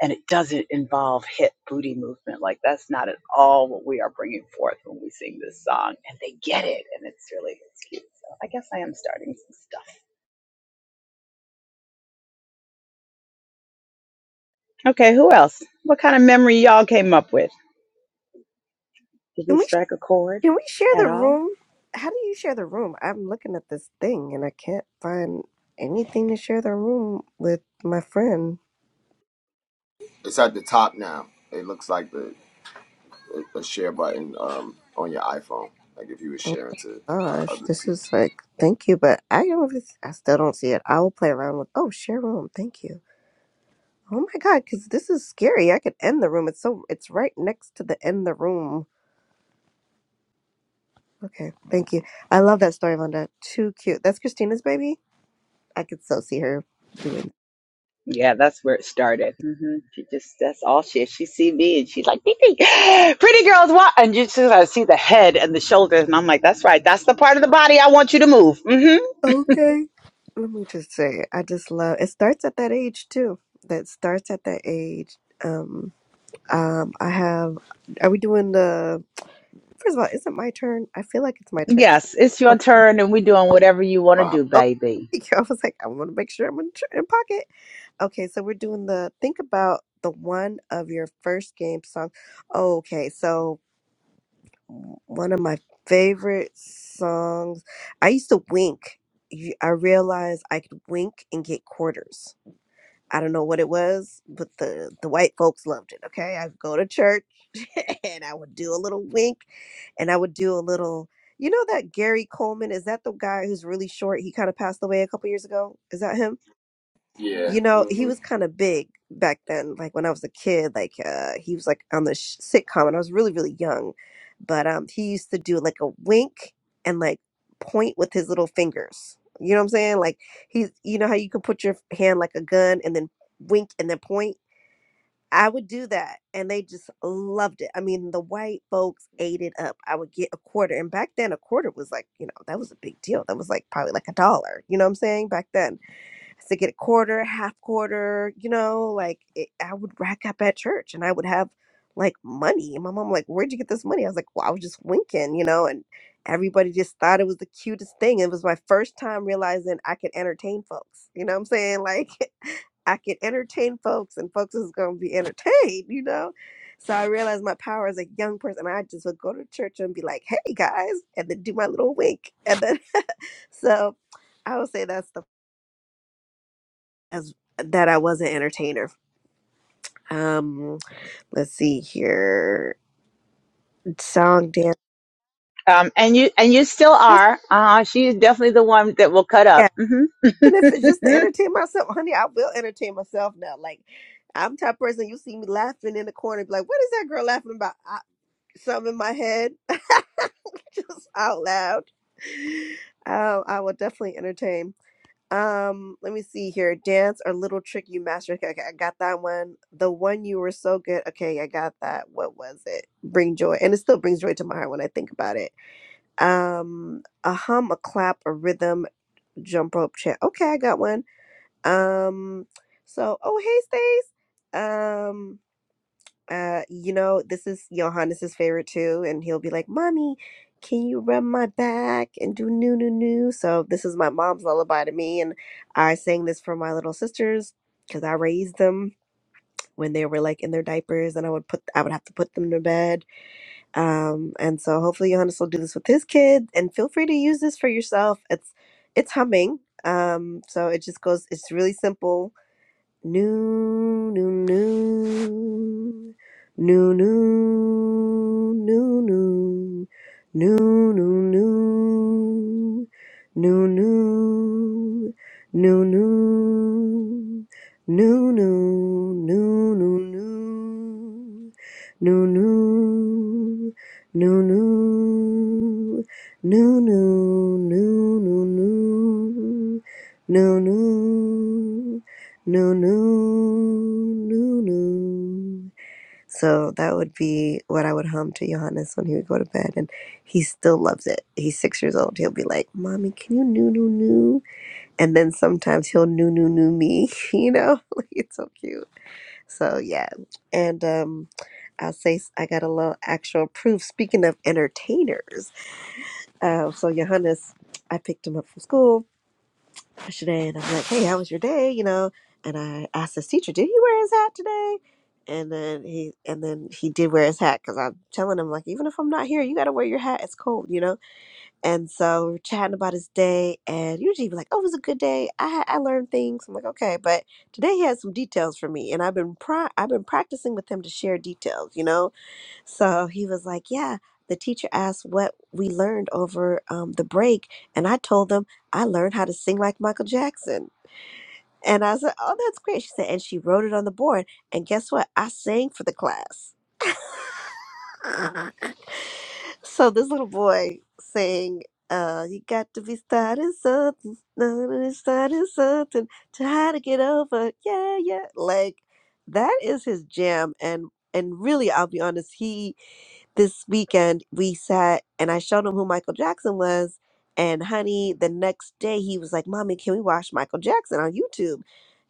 Speaker 1: and it doesn't involve hip booty movement. Like, that's not at all what we are bringing forth when we sing this song. And they get it. And it's really, it's cute. So I guess I am starting some stuff. Okay, who else? What kind of memory y'all came up with? Did we
Speaker 9: Can we
Speaker 1: strike a chord
Speaker 9: can we share
Speaker 1: at
Speaker 9: the
Speaker 1: all?
Speaker 9: room? How do you share the room? I'm looking at this thing and I can't find anything to share the room with my friend.
Speaker 8: It's at the top now. It looks like the a share button um, on your iPhone, like if you were
Speaker 9: Oh
Speaker 8: sharing to uh,
Speaker 9: gosh,
Speaker 8: other
Speaker 9: this
Speaker 8: people.
Speaker 9: is like thank you, but I don't. I still don't see it. I will play around with. Oh, share room. Thank you. Oh my god, because this is scary. I could end the room. It's so. It's right next to the end the room Okay, thank you. I love that story, Vonda. Too cute. That's Christina's baby. I could so see her doing.
Speaker 1: Yeah, that's where it started. hmm She just, that's all she is. She see me and she's like, "Dee Dee, (gasps) pretty girls, what? And you just I see the head and the shoulders. And I'm like, that's right. That's the part of the body I want you to move. hmm
Speaker 9: Okay, let me just say, I just love. It starts at that age too. That starts at that age. Um, um, I have. Are we doing the? First of all, is it my turn? I feel like it's my turn.
Speaker 1: Yes, it's your
Speaker 9: Okay.
Speaker 1: turn and we doing whatever you want to
Speaker 8: Prompt.
Speaker 1: do,
Speaker 9: Oh,
Speaker 1: baby.
Speaker 9: (laughs) I was like, I want to make sure I'm in, tr- in pocket. Okay, so we're doing the think about the one of your first game song. Okay, so one of my favorite songs. I used to wink. You- I realized I could wink and get quarters. I don't know what it was, but the the white folks loved it. Okay, I'd go to church (laughs) and I would do a little wink, and I would do a little. You know that Gary Coleman is that the guy who's really short? He kind of passed away a couple years ago. Is that him? You know, he
Speaker 8: hmm
Speaker 9: was kind of big back then. Like when I was a kid, like uh, he was like on the sh- sitcom, and I was really, really young. But um, he used to do like a wink and like point with his little fingers. You know what I'm saying? Like he's, you know how you can put your hand like a gun and then wink and then point. I would do that, and they just loved it. I mean, the white folks ate it up. I would get a quarter, and back then a quarter was like, you know, that was a big deal. That was like probably like a dollar. You know what I'm saying? Back then to get a quarter, half quarter, you know, like it, I would rack up at church and I would have like money. And my mom, like, where'd you get this money? I was like, well, I was just winking, you know, and everybody just thought it was the cutest thing. It was my first time realizing I could entertain folks. You know what I'm saying? Like, (laughs) I could entertain folks and folks is going to be entertained, you know? So I realized my power as a young person. I just would go to church and be like, hey guys, and then do my little wink. And then, (laughs) so I would say that's the as that I was an entertainer. Um, let's see here, song dance.
Speaker 1: Um, and you and you still
Speaker 9: That's-
Speaker 1: are. Uh, she's definitely the one that will cut
Speaker 9: Yeah,
Speaker 1: up.
Speaker 9: even if
Speaker 1: hmm
Speaker 9: it's just to
Speaker 1: (laughs)
Speaker 9: entertain myself, honey, I will entertain myself now. Like I'm the type of person you see me laughing in the corner, be like, "What is that girl laughing about?" I, something in my head, (laughs) just out loud. Um, I will definitely entertain. Um, let me see here. Dance or little trick you master. Okay, okay, I got that one. The one you were so good. Okay, I got that. What was it? Bring joy, and it still brings joy to my heart when I think about it. Um, a hum, a clap, a rhythm, jump rope chant. Okay, I got one. Um, so oh hey, Stace. Um, uh, you know, this is Johannes's favorite too, and he'll be like, "Mommy, can you rub my back and do new, new, new?" So this is my mom's lullaby to me, and I sang this for my little sisters because I raised them when they were like in their diapers, and I would put, I would have to put them to bed. Um, and so hopefully Johannes will do this with his kid, and feel free to use this for yourself. It's, it's humming. Um, so it just goes. It's really simple No, no, no, no. So that would be what I would hum to Johannes when he would go to bed, and he still loves it. He's six years old. He'll be like, "Mommy, can you noo noo noo?" And then sometimes he'll noo noo noo me. (laughs) You know, (laughs) like it's so cute. So yeah, and um, I'll say s- I got a little actual proof. Speaking of entertainers, uh, so Johannes, I picked him up from school today and I'm like, hey, how was your day? You know, and I asked this teacher, did he wear his hat today? And then he and then he did wear his hat because I'm telling him like, even if I'm not here, you gotta wear your hat. It's cold, you know. And so we we're chatting about his day, and usually he'd be like, oh, it was a good day. I ha- I learned things. I'm like, okay, but today he has some details for me, and I've been pri- I've been practicing with him to share details, you know so he was like, Yeah, the teacher asked what we learned over um, the break. And I told them I learned how to sing like Michael Jackson. And I said, Oh, that's great. She said, And she wrote it on the board. And guess what? I sang for the class. (laughs) so this little boy sang, uh, You got to be starting something, starting starting something, try to get over. Yeah, yeah. Like, that is his jam. And and really, I'll be honest, he this weekend we sat and I showed him who Michael Jackson was. And honey, the next day he was like, Mommy, can we watch Michael Jackson on YouTube?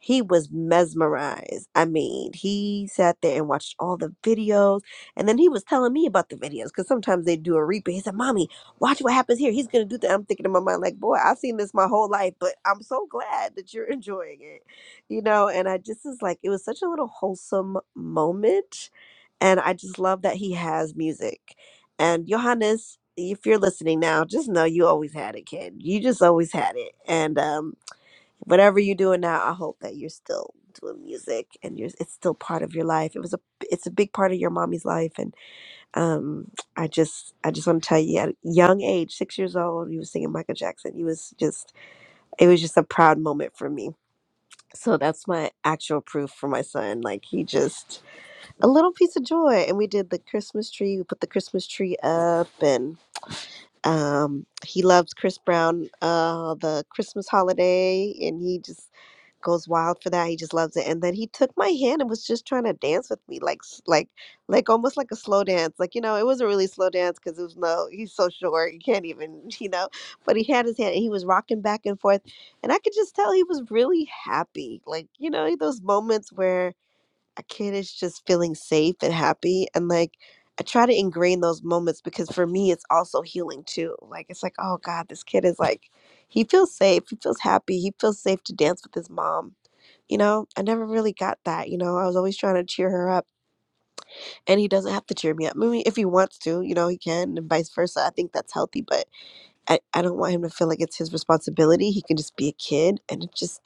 Speaker 9: He was mesmerized. I mean, he sat there and watched all the videos. And then he was telling me about the videos because sometimes they do a replay. He said, Mommy, watch what happens here. He's going to do that. I'm thinking in my mind, like, boy, I've seen this my whole life, but I'm so glad that you're (laughs) enjoying it. You know, and I just was like, it was such a little wholesome moment and I just love that he has music. And Johannes, if you're listening now, just know you always had it, kid. You just always had it. And um, whatever you're doing now, I hope that you're still doing music and you're it's still part of your life. It was a it's a big part of your mommy's life. And um, I just I just want to tell you, at a young age, six years old, you was singing Michael Jackson. You was just it was just a proud moment for me. So that's my actual proof for my son. Like he just a little piece of joy and we did the christmas tree we put the christmas tree up and um he loves chris brown uh the christmas holiday and he just goes wild for that he just loves it and then he took my hand and was just trying to dance with me like s- like like almost like a slow dance like you know it wasn't really slow dance because it was no he's so short you can't even (laughs) you know but he had his hand and he was rocking back and forth and i could just tell he was really happy like you know those moments where a kid is just feeling safe and happy and like i try to ingrain those moments because for me it's also healing too like it's like oh god this kid is like he feels safe he feels happy he feels safe to dance with his mom you know i never really got that you know i was always trying to cheer her up and he doesn't have to cheer me up maybe if he wants to you know he can and vice versa i think that's healthy but i, I don't want him to feel like it's his responsibility he can just be a kid and it just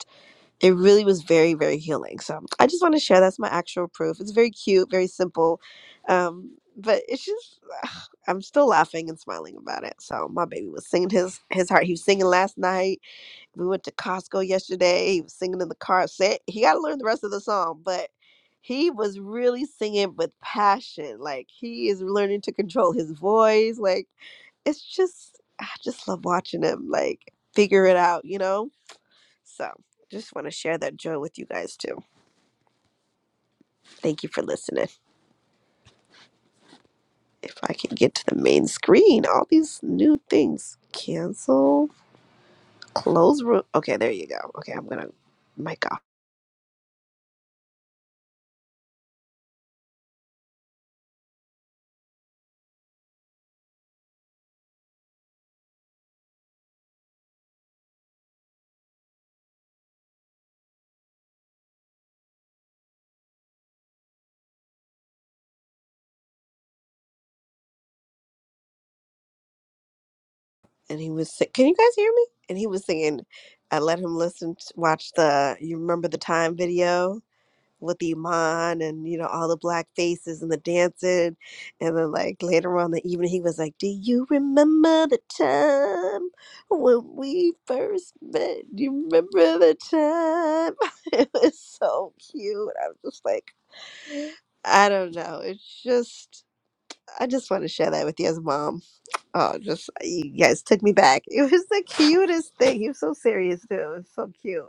Speaker 9: it really was very very healing so i just want to share that's my actual proof it's very cute very simple um but it's just i'm still laughing and smiling about it so my baby was singing his his heart he was singing last night we went to costco yesterday he was singing in the car set he got to learn the rest of the song but he was really singing with passion like he is learning to control his voice like it's just i just love watching him like figure it out you know so just want to share that joy with you guys too. Thank you for listening. If I can get to the main screen, all these new things. Cancel, close room. Okay, there you go. Okay, I'm gonna mic off. And he was si- Can you guys hear me? And he was singing. I let him listen, to, watch the. You remember the time video? with Iman and you know all the black faces and the dancing, and then like later on in the evening he was like, "Do you remember the time when we first met? Do you remember the time?" (laughs) it was so cute. I was just like, I don't know. It's just I just want to share that with you as a mom. Oh, just you guys took me back. (laughs) It was the cutest thing. He was so serious too. It was so cute.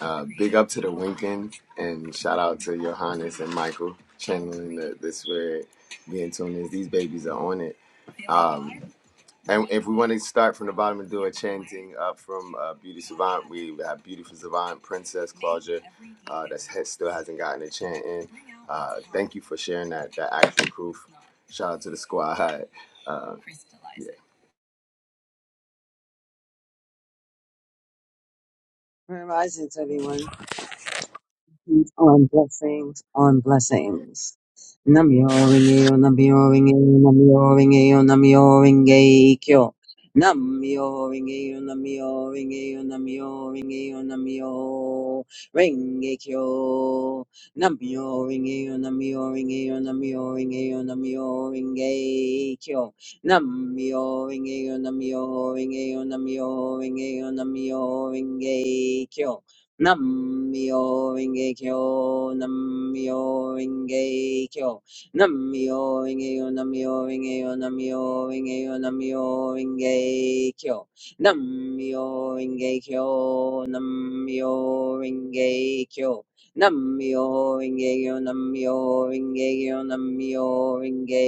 Speaker 8: Uh, big up to the Winkins and shout out to Johannes and Michael channeling the, this where being tuned is. These babies are on it. And if we want to start from the bottom and do a chanting up from uh, Beauty Savant, we have Beautiful Savant, Princess Claudia, uh, that still hasn't gotten a chant in. Uh, thank you for sharing that, that action proof. Shout out to the squad. Uh,
Speaker 12: Grand Risings, everyone. Blessings On blessings, on blessings. Namyo yo, Namyo Ringeyo, Namyo Ringeyo, Namyo Ringeyo. Namyo Ringeyo, Namyo Ringeyo, Namyo yo, Namyo Ringeyo. Namyo Ringeyo, Namyo yo. Namyo Ringeyo, Namyo Ringeyo. Namyo yo, Namyo Ringeyo, Namyo Ringeyo, Namyo Ringeyo. Namyo Renge Kyo, Namyo Renge Kyo, Namyo Renge Yo, Namyo Renge Yo, Namyo Renge Yo, Namyo Renge Kyo, Namyo Renge Kyo, Namyo Renge Kyo, Namyo Renge Yo, Namyo Renge Yo, Namyo Renge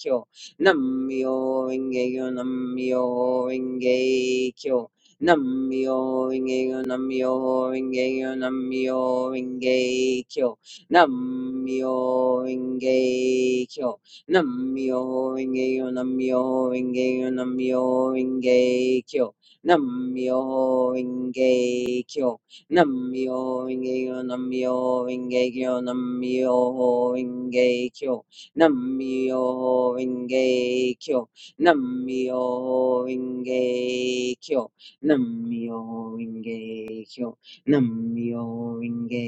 Speaker 12: Kyo, Namyo Renge Yo, Namyo Renge Kyo, Namyo Rinkeyo, Namyo Rinkeyo, Namyo Rinkeyo, Namyo Rinkeyo, Namyo Rinkeyo, Namyo Rinkeyo, Namyo Rinkeyo, Namyo Rinkeyo, Namyo Rinkeyo, Namyo Rinkeyo, Namyo Rinkeyo, Namyo Rinkeyo, Namyo Rinkeyo. Namyo Ringe Kyo. Namyo Ringe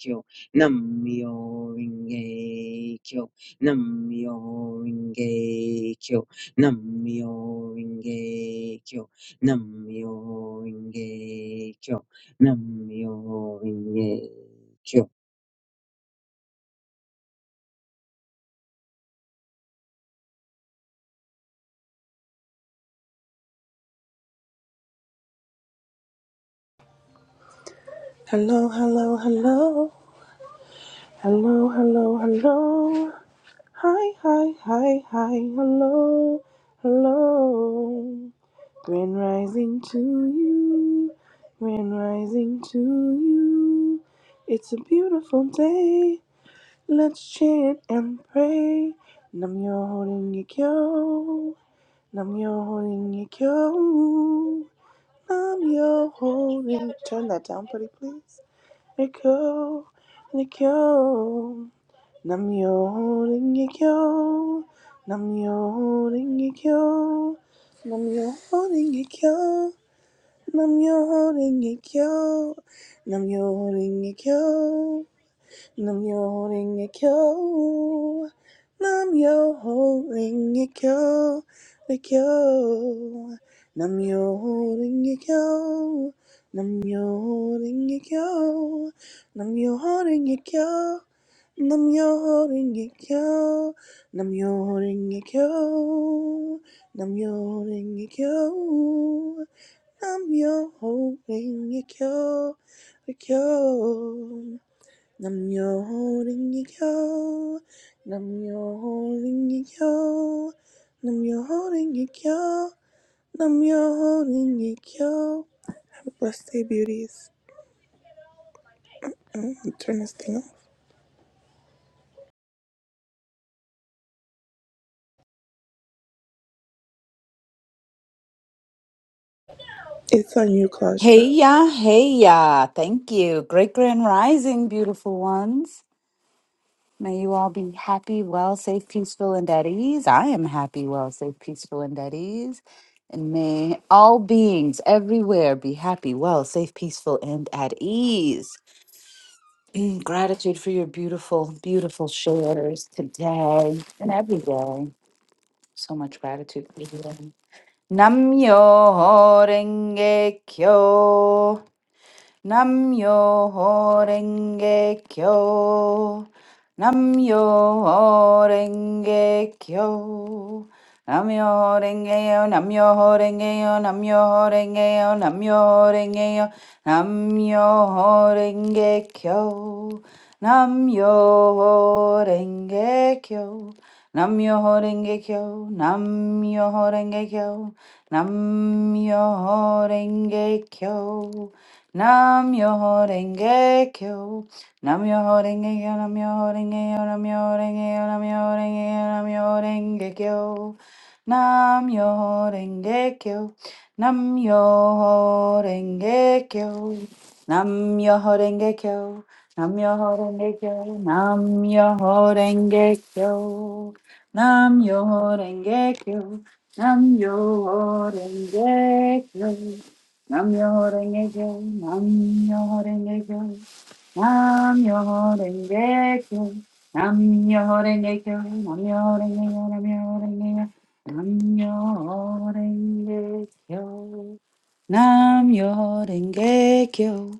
Speaker 12: Kyo. Namyo Ringe Kyo. Namyo Ringe Kyo. Namyo Ringe Kyo. Namyo Ringe Kyo. Namyo Ringe Kyo.
Speaker 10: Hello, hello, hello, hello, hello, hello. Hi, hi, hi, hi, hello, hello. Grand rising to you, grand rising to you. It's a beautiful day. Let's chant and pray. Nam yo holding your kyo. Nam yo holding your kyo. Nam yo holding. Turn that down, pretty please. Your kyo. Your kyo. Nam yo holding your kyo. Nam yo holding your kyo. Nam yo holding your kyo. Nam yo holding your kyo. Nam yo holding your kyo. Nam yo holding a kyo. Nam yo holding a kyo. A kyo. Nam yo holding a kyo. Nam yo holding a kyo. Nam yo holding a kyo. Nam yo holding a kyo. Nam yo holding a kyo. Nam yo holding a kyo. Nam yo holding a kyo. A kyo. Namyo Rengekyo. Namyo Rengekyo. Namyo Rengekyo. Namyo Rengekyo. Have a blessed day, beauties. Mm, I'm gonna turn this thing off. It's on you, Claudia.
Speaker 11: Hey ya, hey ya. Thank you. Great grand rising, beautiful ones. May you all be happy, well, safe, peaceful, and at ease. I am happy, well, safe, peaceful, and at ease. And may all beings everywhere be happy, well, safe, peaceful, and at ease. Mm, Gratitude for your beautiful, beautiful shares today and every day. So much gratitude for you. Namyo Renge Kyo. Nam yo renge kyo. Namyo renge kyo. Namyo renge yo, namyo renge yo, namyo renge yo, namyo renge yo, namyo renge kyo. Namyo renge kyo. Namyo renge kyo, namyo renge kyo, namyo renge kyo, namyo renge kyo. Namyo renge kyo, namyo renge kyo, namyo renge kyo, namyo renge kyo, namyo renge kyo. Namyo renge kyo, namyo renge kyo, namyo renge kyo, namyo renge kyo, namyo renge kyo, namyo renge kyo, namyo renge kyo, namyo renge kyo, namyo renge kyo. I'm your angel. I'm your angel. I'm your angel. I'm your angel. I'm your angel. I'm your angel. I'm your angel.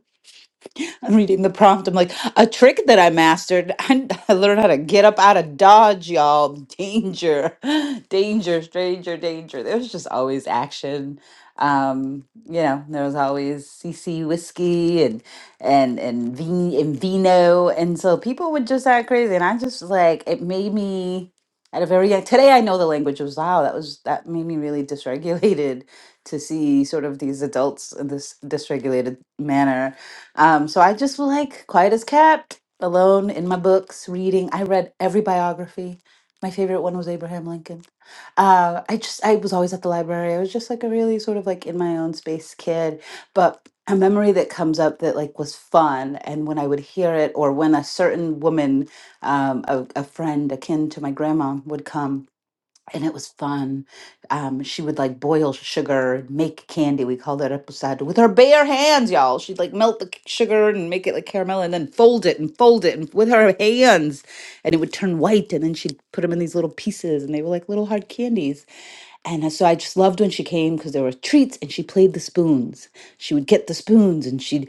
Speaker 11: I'm reading the prompt. I'm like, a trick that I mastered. (laughs) I, learned how to get up out of dodge, y'all. Danger, (laughs) danger, stranger, danger. There was just always action. Um, you know, there was always CC whiskey and and and vino and vino, and so people would just act crazy. And I just like it made me at a very young. Today I know the language was wow. That was that made me really dysregulated to see sort of these adults in this dysregulated manner um, so I just feel like quiet as kept, alone in my books, reading. I read every biography. My favorite one was Abraham Lincoln. Uh, I just I was always at the library. I was just like a really sort of like in my own space kid. But a memory that comes up that like was fun, and when I would hear it, or when a certain woman, um, a, a friend akin to my grandma, would come and it was fun. Um, she would like boil sugar, make candy. We called it reposado with her bare hands, y'all. She'd like melt the c- sugar and make it like caramel, and then fold it and fold it and with her hands, and it would turn white. And then she'd put them in these little pieces, and they were like little hard candies. And uh, so I just loved when she came because there were treats, and she played the spoons. She would get the spoons, and she'd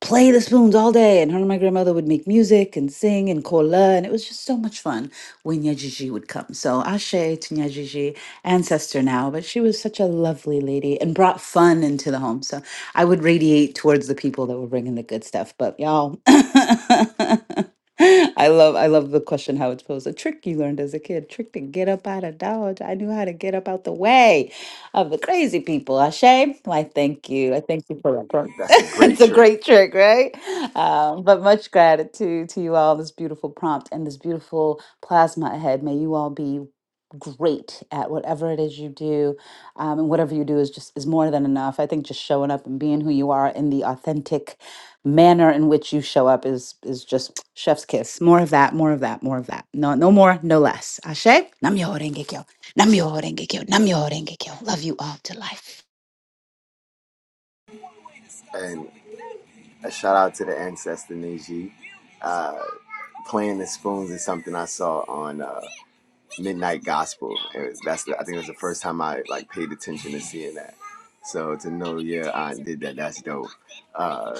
Speaker 11: play the spoons all day. And her and my grandmother would make music and sing and kola. And it was just so much fun when Nyajiji would come. So Ashe to Nyajiji, ancestor now, but she was such a lovely lady and brought fun into the home. So I would radiate towards the people that were bringing the good stuff. But y'all, (laughs) I love I love the question how it's posed. A trick you learned as a kid, trick to get up out of dodge. I knew how to get up out the way of the crazy people. Ashe, why thank you. I thank you for that.
Speaker 8: that's a
Speaker 11: (laughs) it's
Speaker 8: great
Speaker 11: a
Speaker 8: trick.
Speaker 11: great trick, right? Um, but much gratitude to you all, this beautiful prompt and this beautiful plasma ahead. May you all be great at whatever it is you do um, and whatever you do is just is more than enough i think just showing up and being who you are in the authentic manner in which you show up is is just (tsk) chef's kiss more of that more of that more of that no no more no less ashe namyo renge kyo namyo renge kyo namyo renge kyo love you all to life
Speaker 8: And a shout out to the ancestor Neji. Uh, playing the spoons is something I saw on. uh, midnight gospel. It was, that's the, I think it was the first time I like paid attention to seeing that. So to know yeah, I did that, that's dope. Uh,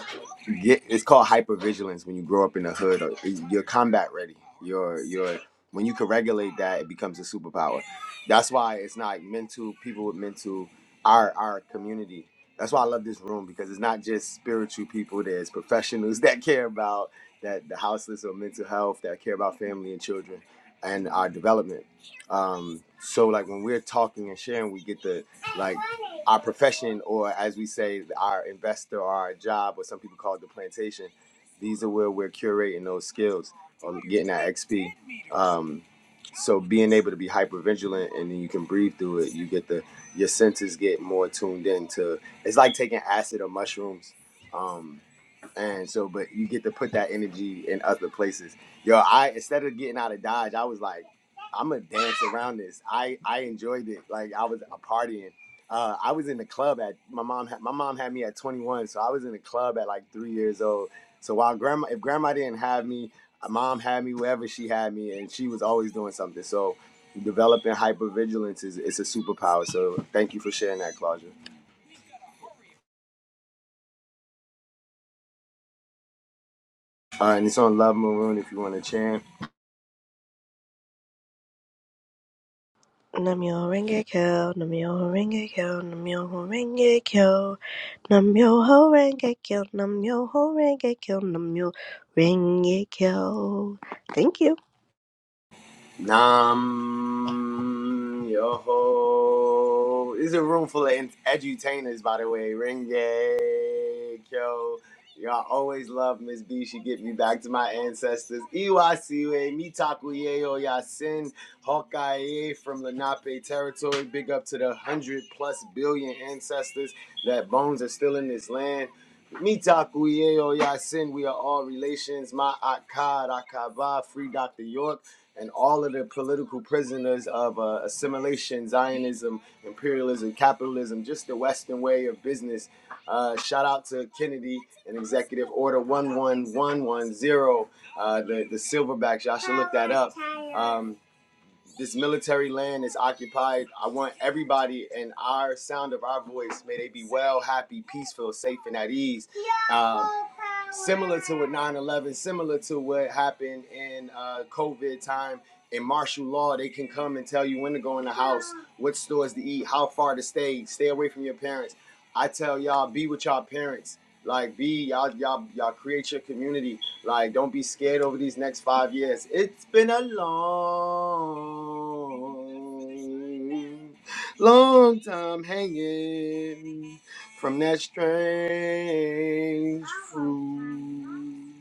Speaker 8: get it's called hypervigilance when you grow up in the hood. Or, you're combat ready. You're you're when you can regulate that, it becomes a superpower. That's why it's not mental people with mental our our community. That's why I love this room because it's not just spiritual people. There's professionals (laughs) that care about that the houseless or mental health that care about family and children and our development um so like when we're talking and sharing we get the like our profession or as we say our investor or our job or some people call it the plantation these are where we're curating those skills or getting that xp um so being able to be hyper vigilant and then you can breathe through it you get the your senses get more tuned in to it's like taking acid or mushrooms Um, and so, but you get to put that energy in other places. Yo, I instead of getting out of Dodge, I was like, I'm gonna dance around this. I I enjoyed it. Like I was a partying. Uh, I was in the club at my mom. Had, my mom had me at 21, so I was in the club at like three years old. So while grandma, if grandma didn't have me, uh, mom had me wherever she had me, and she was always doing something. So developing hypervigilance is it's a superpower. So thank you for sharing that, Claudia. Uh, and it's on Love Maroon if you want to chant.
Speaker 9: Namyo Renge Kyo, Namyo Renge Kyo, Namyo Renge Kyo, Namyo Renge Kyo, Namyo Renge Kyo, Namyo Renge Kyo. Thank you.
Speaker 8: Nam Yoho. This is a room full of en- edutainers, by the way. Renge Kyo. Y'all always love Miss B. She get me back to my ancestors. Iwasiwe, Mitaku Yeo Yasin, Hawkeye from Lenape territory. Big up to the 100 plus billion ancestors that bones are still in this land. Mitaku Yeo Yasin, we are all relations. My Akkad, Akaba, Free Dr. York and all of the political prisoners of uh, assimilation, Zionism, imperialism, capitalism, just the Western way of business. Uh, shout out to Kennedy and Executive Order 11110, uh, the, the silverbacks. Y'all should look that up. Um, this military land is occupied. I want everybody in our sound of our voice, may they be well, happy, peaceful, safe, and at ease. Um, similar to what 9 11, similar to what happened in uh, COVID time. In martial law, they can come and tell you when to go in the house, what stores to eat, how far to stay, stay away from your parents. I tell y'all, be with y'all parents. Like, be y'all, y'all, y'all create your community like, don't be scared over these next five years. It's been a long, long time hanging from that strange fruit.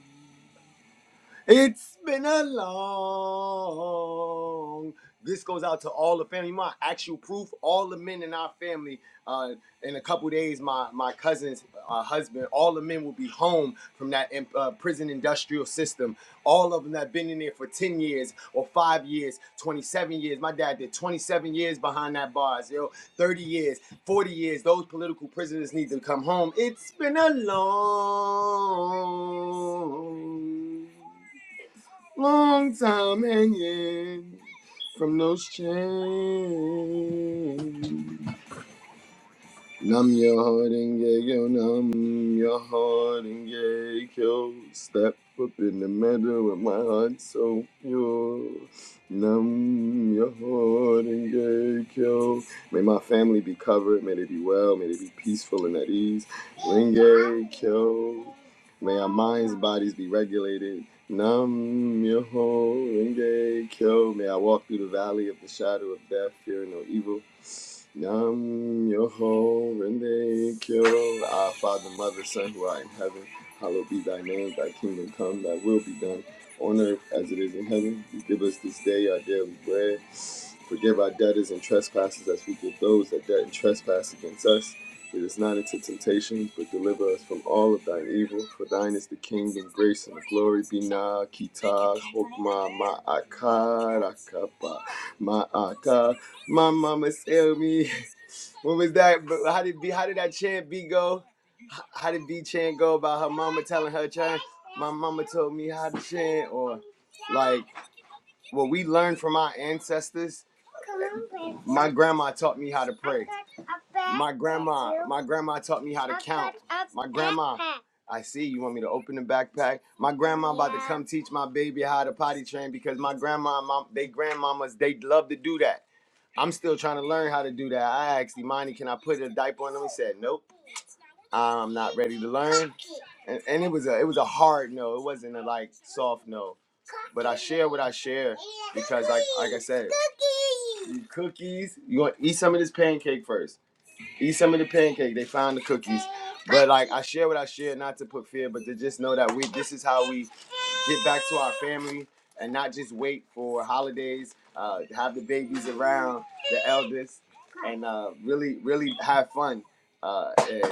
Speaker 8: It's been a long. This goes out to all the family. My actual proof, all the men in our family. Uh, in a couple days, my my cousin's uh, husband, all the men will be home from that um, uh, prison industrial system. All of them that been in there for ten years or five years, twenty seven years. My dad did twenty seven years behind that bars. Yo, thirty years, forty years. Those political prisoners need to come home. It's been a long. Long time hanging from those chains. Numb your heart and get yo, numb your heart and get yo. Step up in the middle with my heart so pure. Numb your heart and get yo. May my family be covered, may they be well, may they be peaceful and at ease. Ringe kyo. May our minds, bodies be regulated. Nam Myoho Renge Kyo. May I walk through the valley of the shadow of death, fearing no evil. Nam Myoho Renge Kyo. Our Father, Mother, Son, who art in heaven, hallowed be thy name. Thy kingdom come, thy will be done on earth as it is in heaven. Give us this day our daily bread. Forgive our debtors and trespasses as we give those that debt and trespass against us. Lead us not into temptation, but deliver us from all of thine evil. For thine is the kingdom, grace, and the glory. Be kita hokma ma'akar akapa ma'aka. My mama tell me, what was that? How did B, how did that chant B go? How did B chant go about her mama telling her chant? My mama told me how to chant, or like what we learned from our ancestors my grandma taught me how to pray my grandma my grandma taught me how to count my grandma i see you want me to open the backpack my grandma about to come teach my baby how to potty train because my grandma mom they grandmamas they love to do that i'm still trying to learn how to do that i asked imani can i put a diaper on them he said nope I'm not ready to learn. And, and it was a it was a hard no. It wasn't a like soft no. But I share what I share because like like I said, you cookies. You want eat some of this pancake first. Eat some of the pancake. They found the cookies. But like I share what I share, not to put fear, but to just know that we this is how we get back to our family and not just wait for holidays. Uh, have the babies around the eldest and uh, really, really have fun. Uh, and,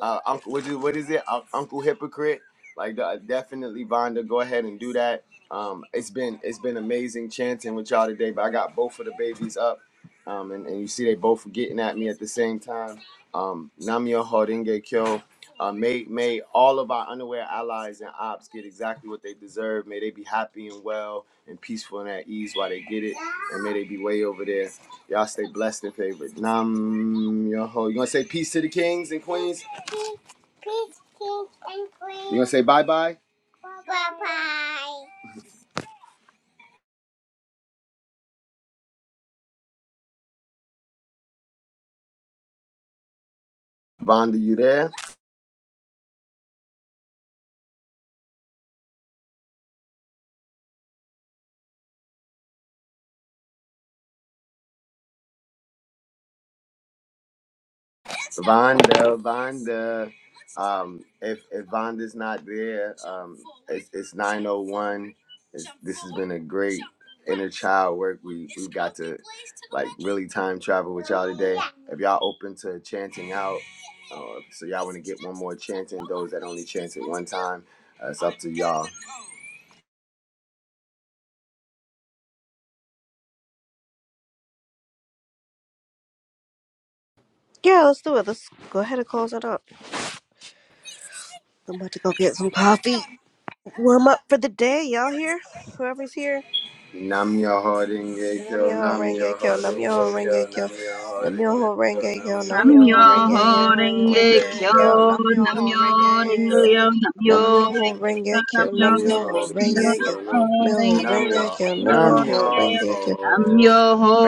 Speaker 8: uh, Uncle, what is, what is it? Un- Uncle Hypocrite. Like uh, definitely, Vonda, go ahead and do that. Um, it's been it's been amazing chanting with y'all today. But I got both of the babies up, um, and, and you see they both were getting at me at the same time. Um, Namyo Horinge Kyo. Uh, may may all of our underwear allies and ops get exactly what they deserve. May they be happy and well and peaceful and at ease while they get it, and may they be way over there. Y'all stay blessed and favored. Nam yo ho. You gonna say peace to the kings and queens? Peace, peace, kings and queens. You gonna say bye bye? Vonda, you there? Vonda, Vonda. Um, if if Vonda's not there, um, it's, it's 901. this has been a great inner child work. We we got to like really time travel with y'all today. If y'all open to chanting out, uh, so y'all want to get one more chanting. Those that only chant at one time, uh, it's up to y'all.
Speaker 9: Yeah, let's do it. Let's go ahead and close it up. I'm about to go get some coffee. Warm up for the day. Y'all here? Whoever's here.
Speaker 8: Nam your hoarding gay kill,
Speaker 9: Namyo
Speaker 8: nam
Speaker 9: Renge
Speaker 8: your
Speaker 9: Kyo,
Speaker 8: hoarding
Speaker 9: Namyo
Speaker 8: gay kill,
Speaker 9: Renge Kyo,
Speaker 8: nam your hoarding gay
Speaker 9: Namyo
Speaker 8: kill,
Speaker 9: Renge
Speaker 8: nam
Speaker 9: Kyo,
Speaker 8: your
Speaker 9: Namyo
Speaker 11: Namyo
Speaker 8: hoarding
Speaker 9: Renge Kyo, Namyo
Speaker 11: renge
Speaker 9: Renge
Speaker 11: kyo,
Speaker 9: Kyo,
Speaker 8: gay
Speaker 9: Namyo
Speaker 11: namyo
Speaker 9: Renge
Speaker 11: renge
Speaker 9: Kyo.
Speaker 11: yo, namyo
Speaker 9: Nam yo ho renge
Speaker 11: renge
Speaker 9: kyo,
Speaker 11: namyo
Speaker 8: Nam
Speaker 9: nam yo
Speaker 8: yo,
Speaker 9: ho
Speaker 11: renge
Speaker 9: renge kyo, nam yo ho
Speaker 8: nam
Speaker 11: yo,
Speaker 9: renge
Speaker 8: yo,
Speaker 9: kyo, nam
Speaker 8: nam
Speaker 9: yo ho
Speaker 11: namyo
Speaker 9: renge kyo,
Speaker 11: renge
Speaker 8: yo,
Speaker 11: yo,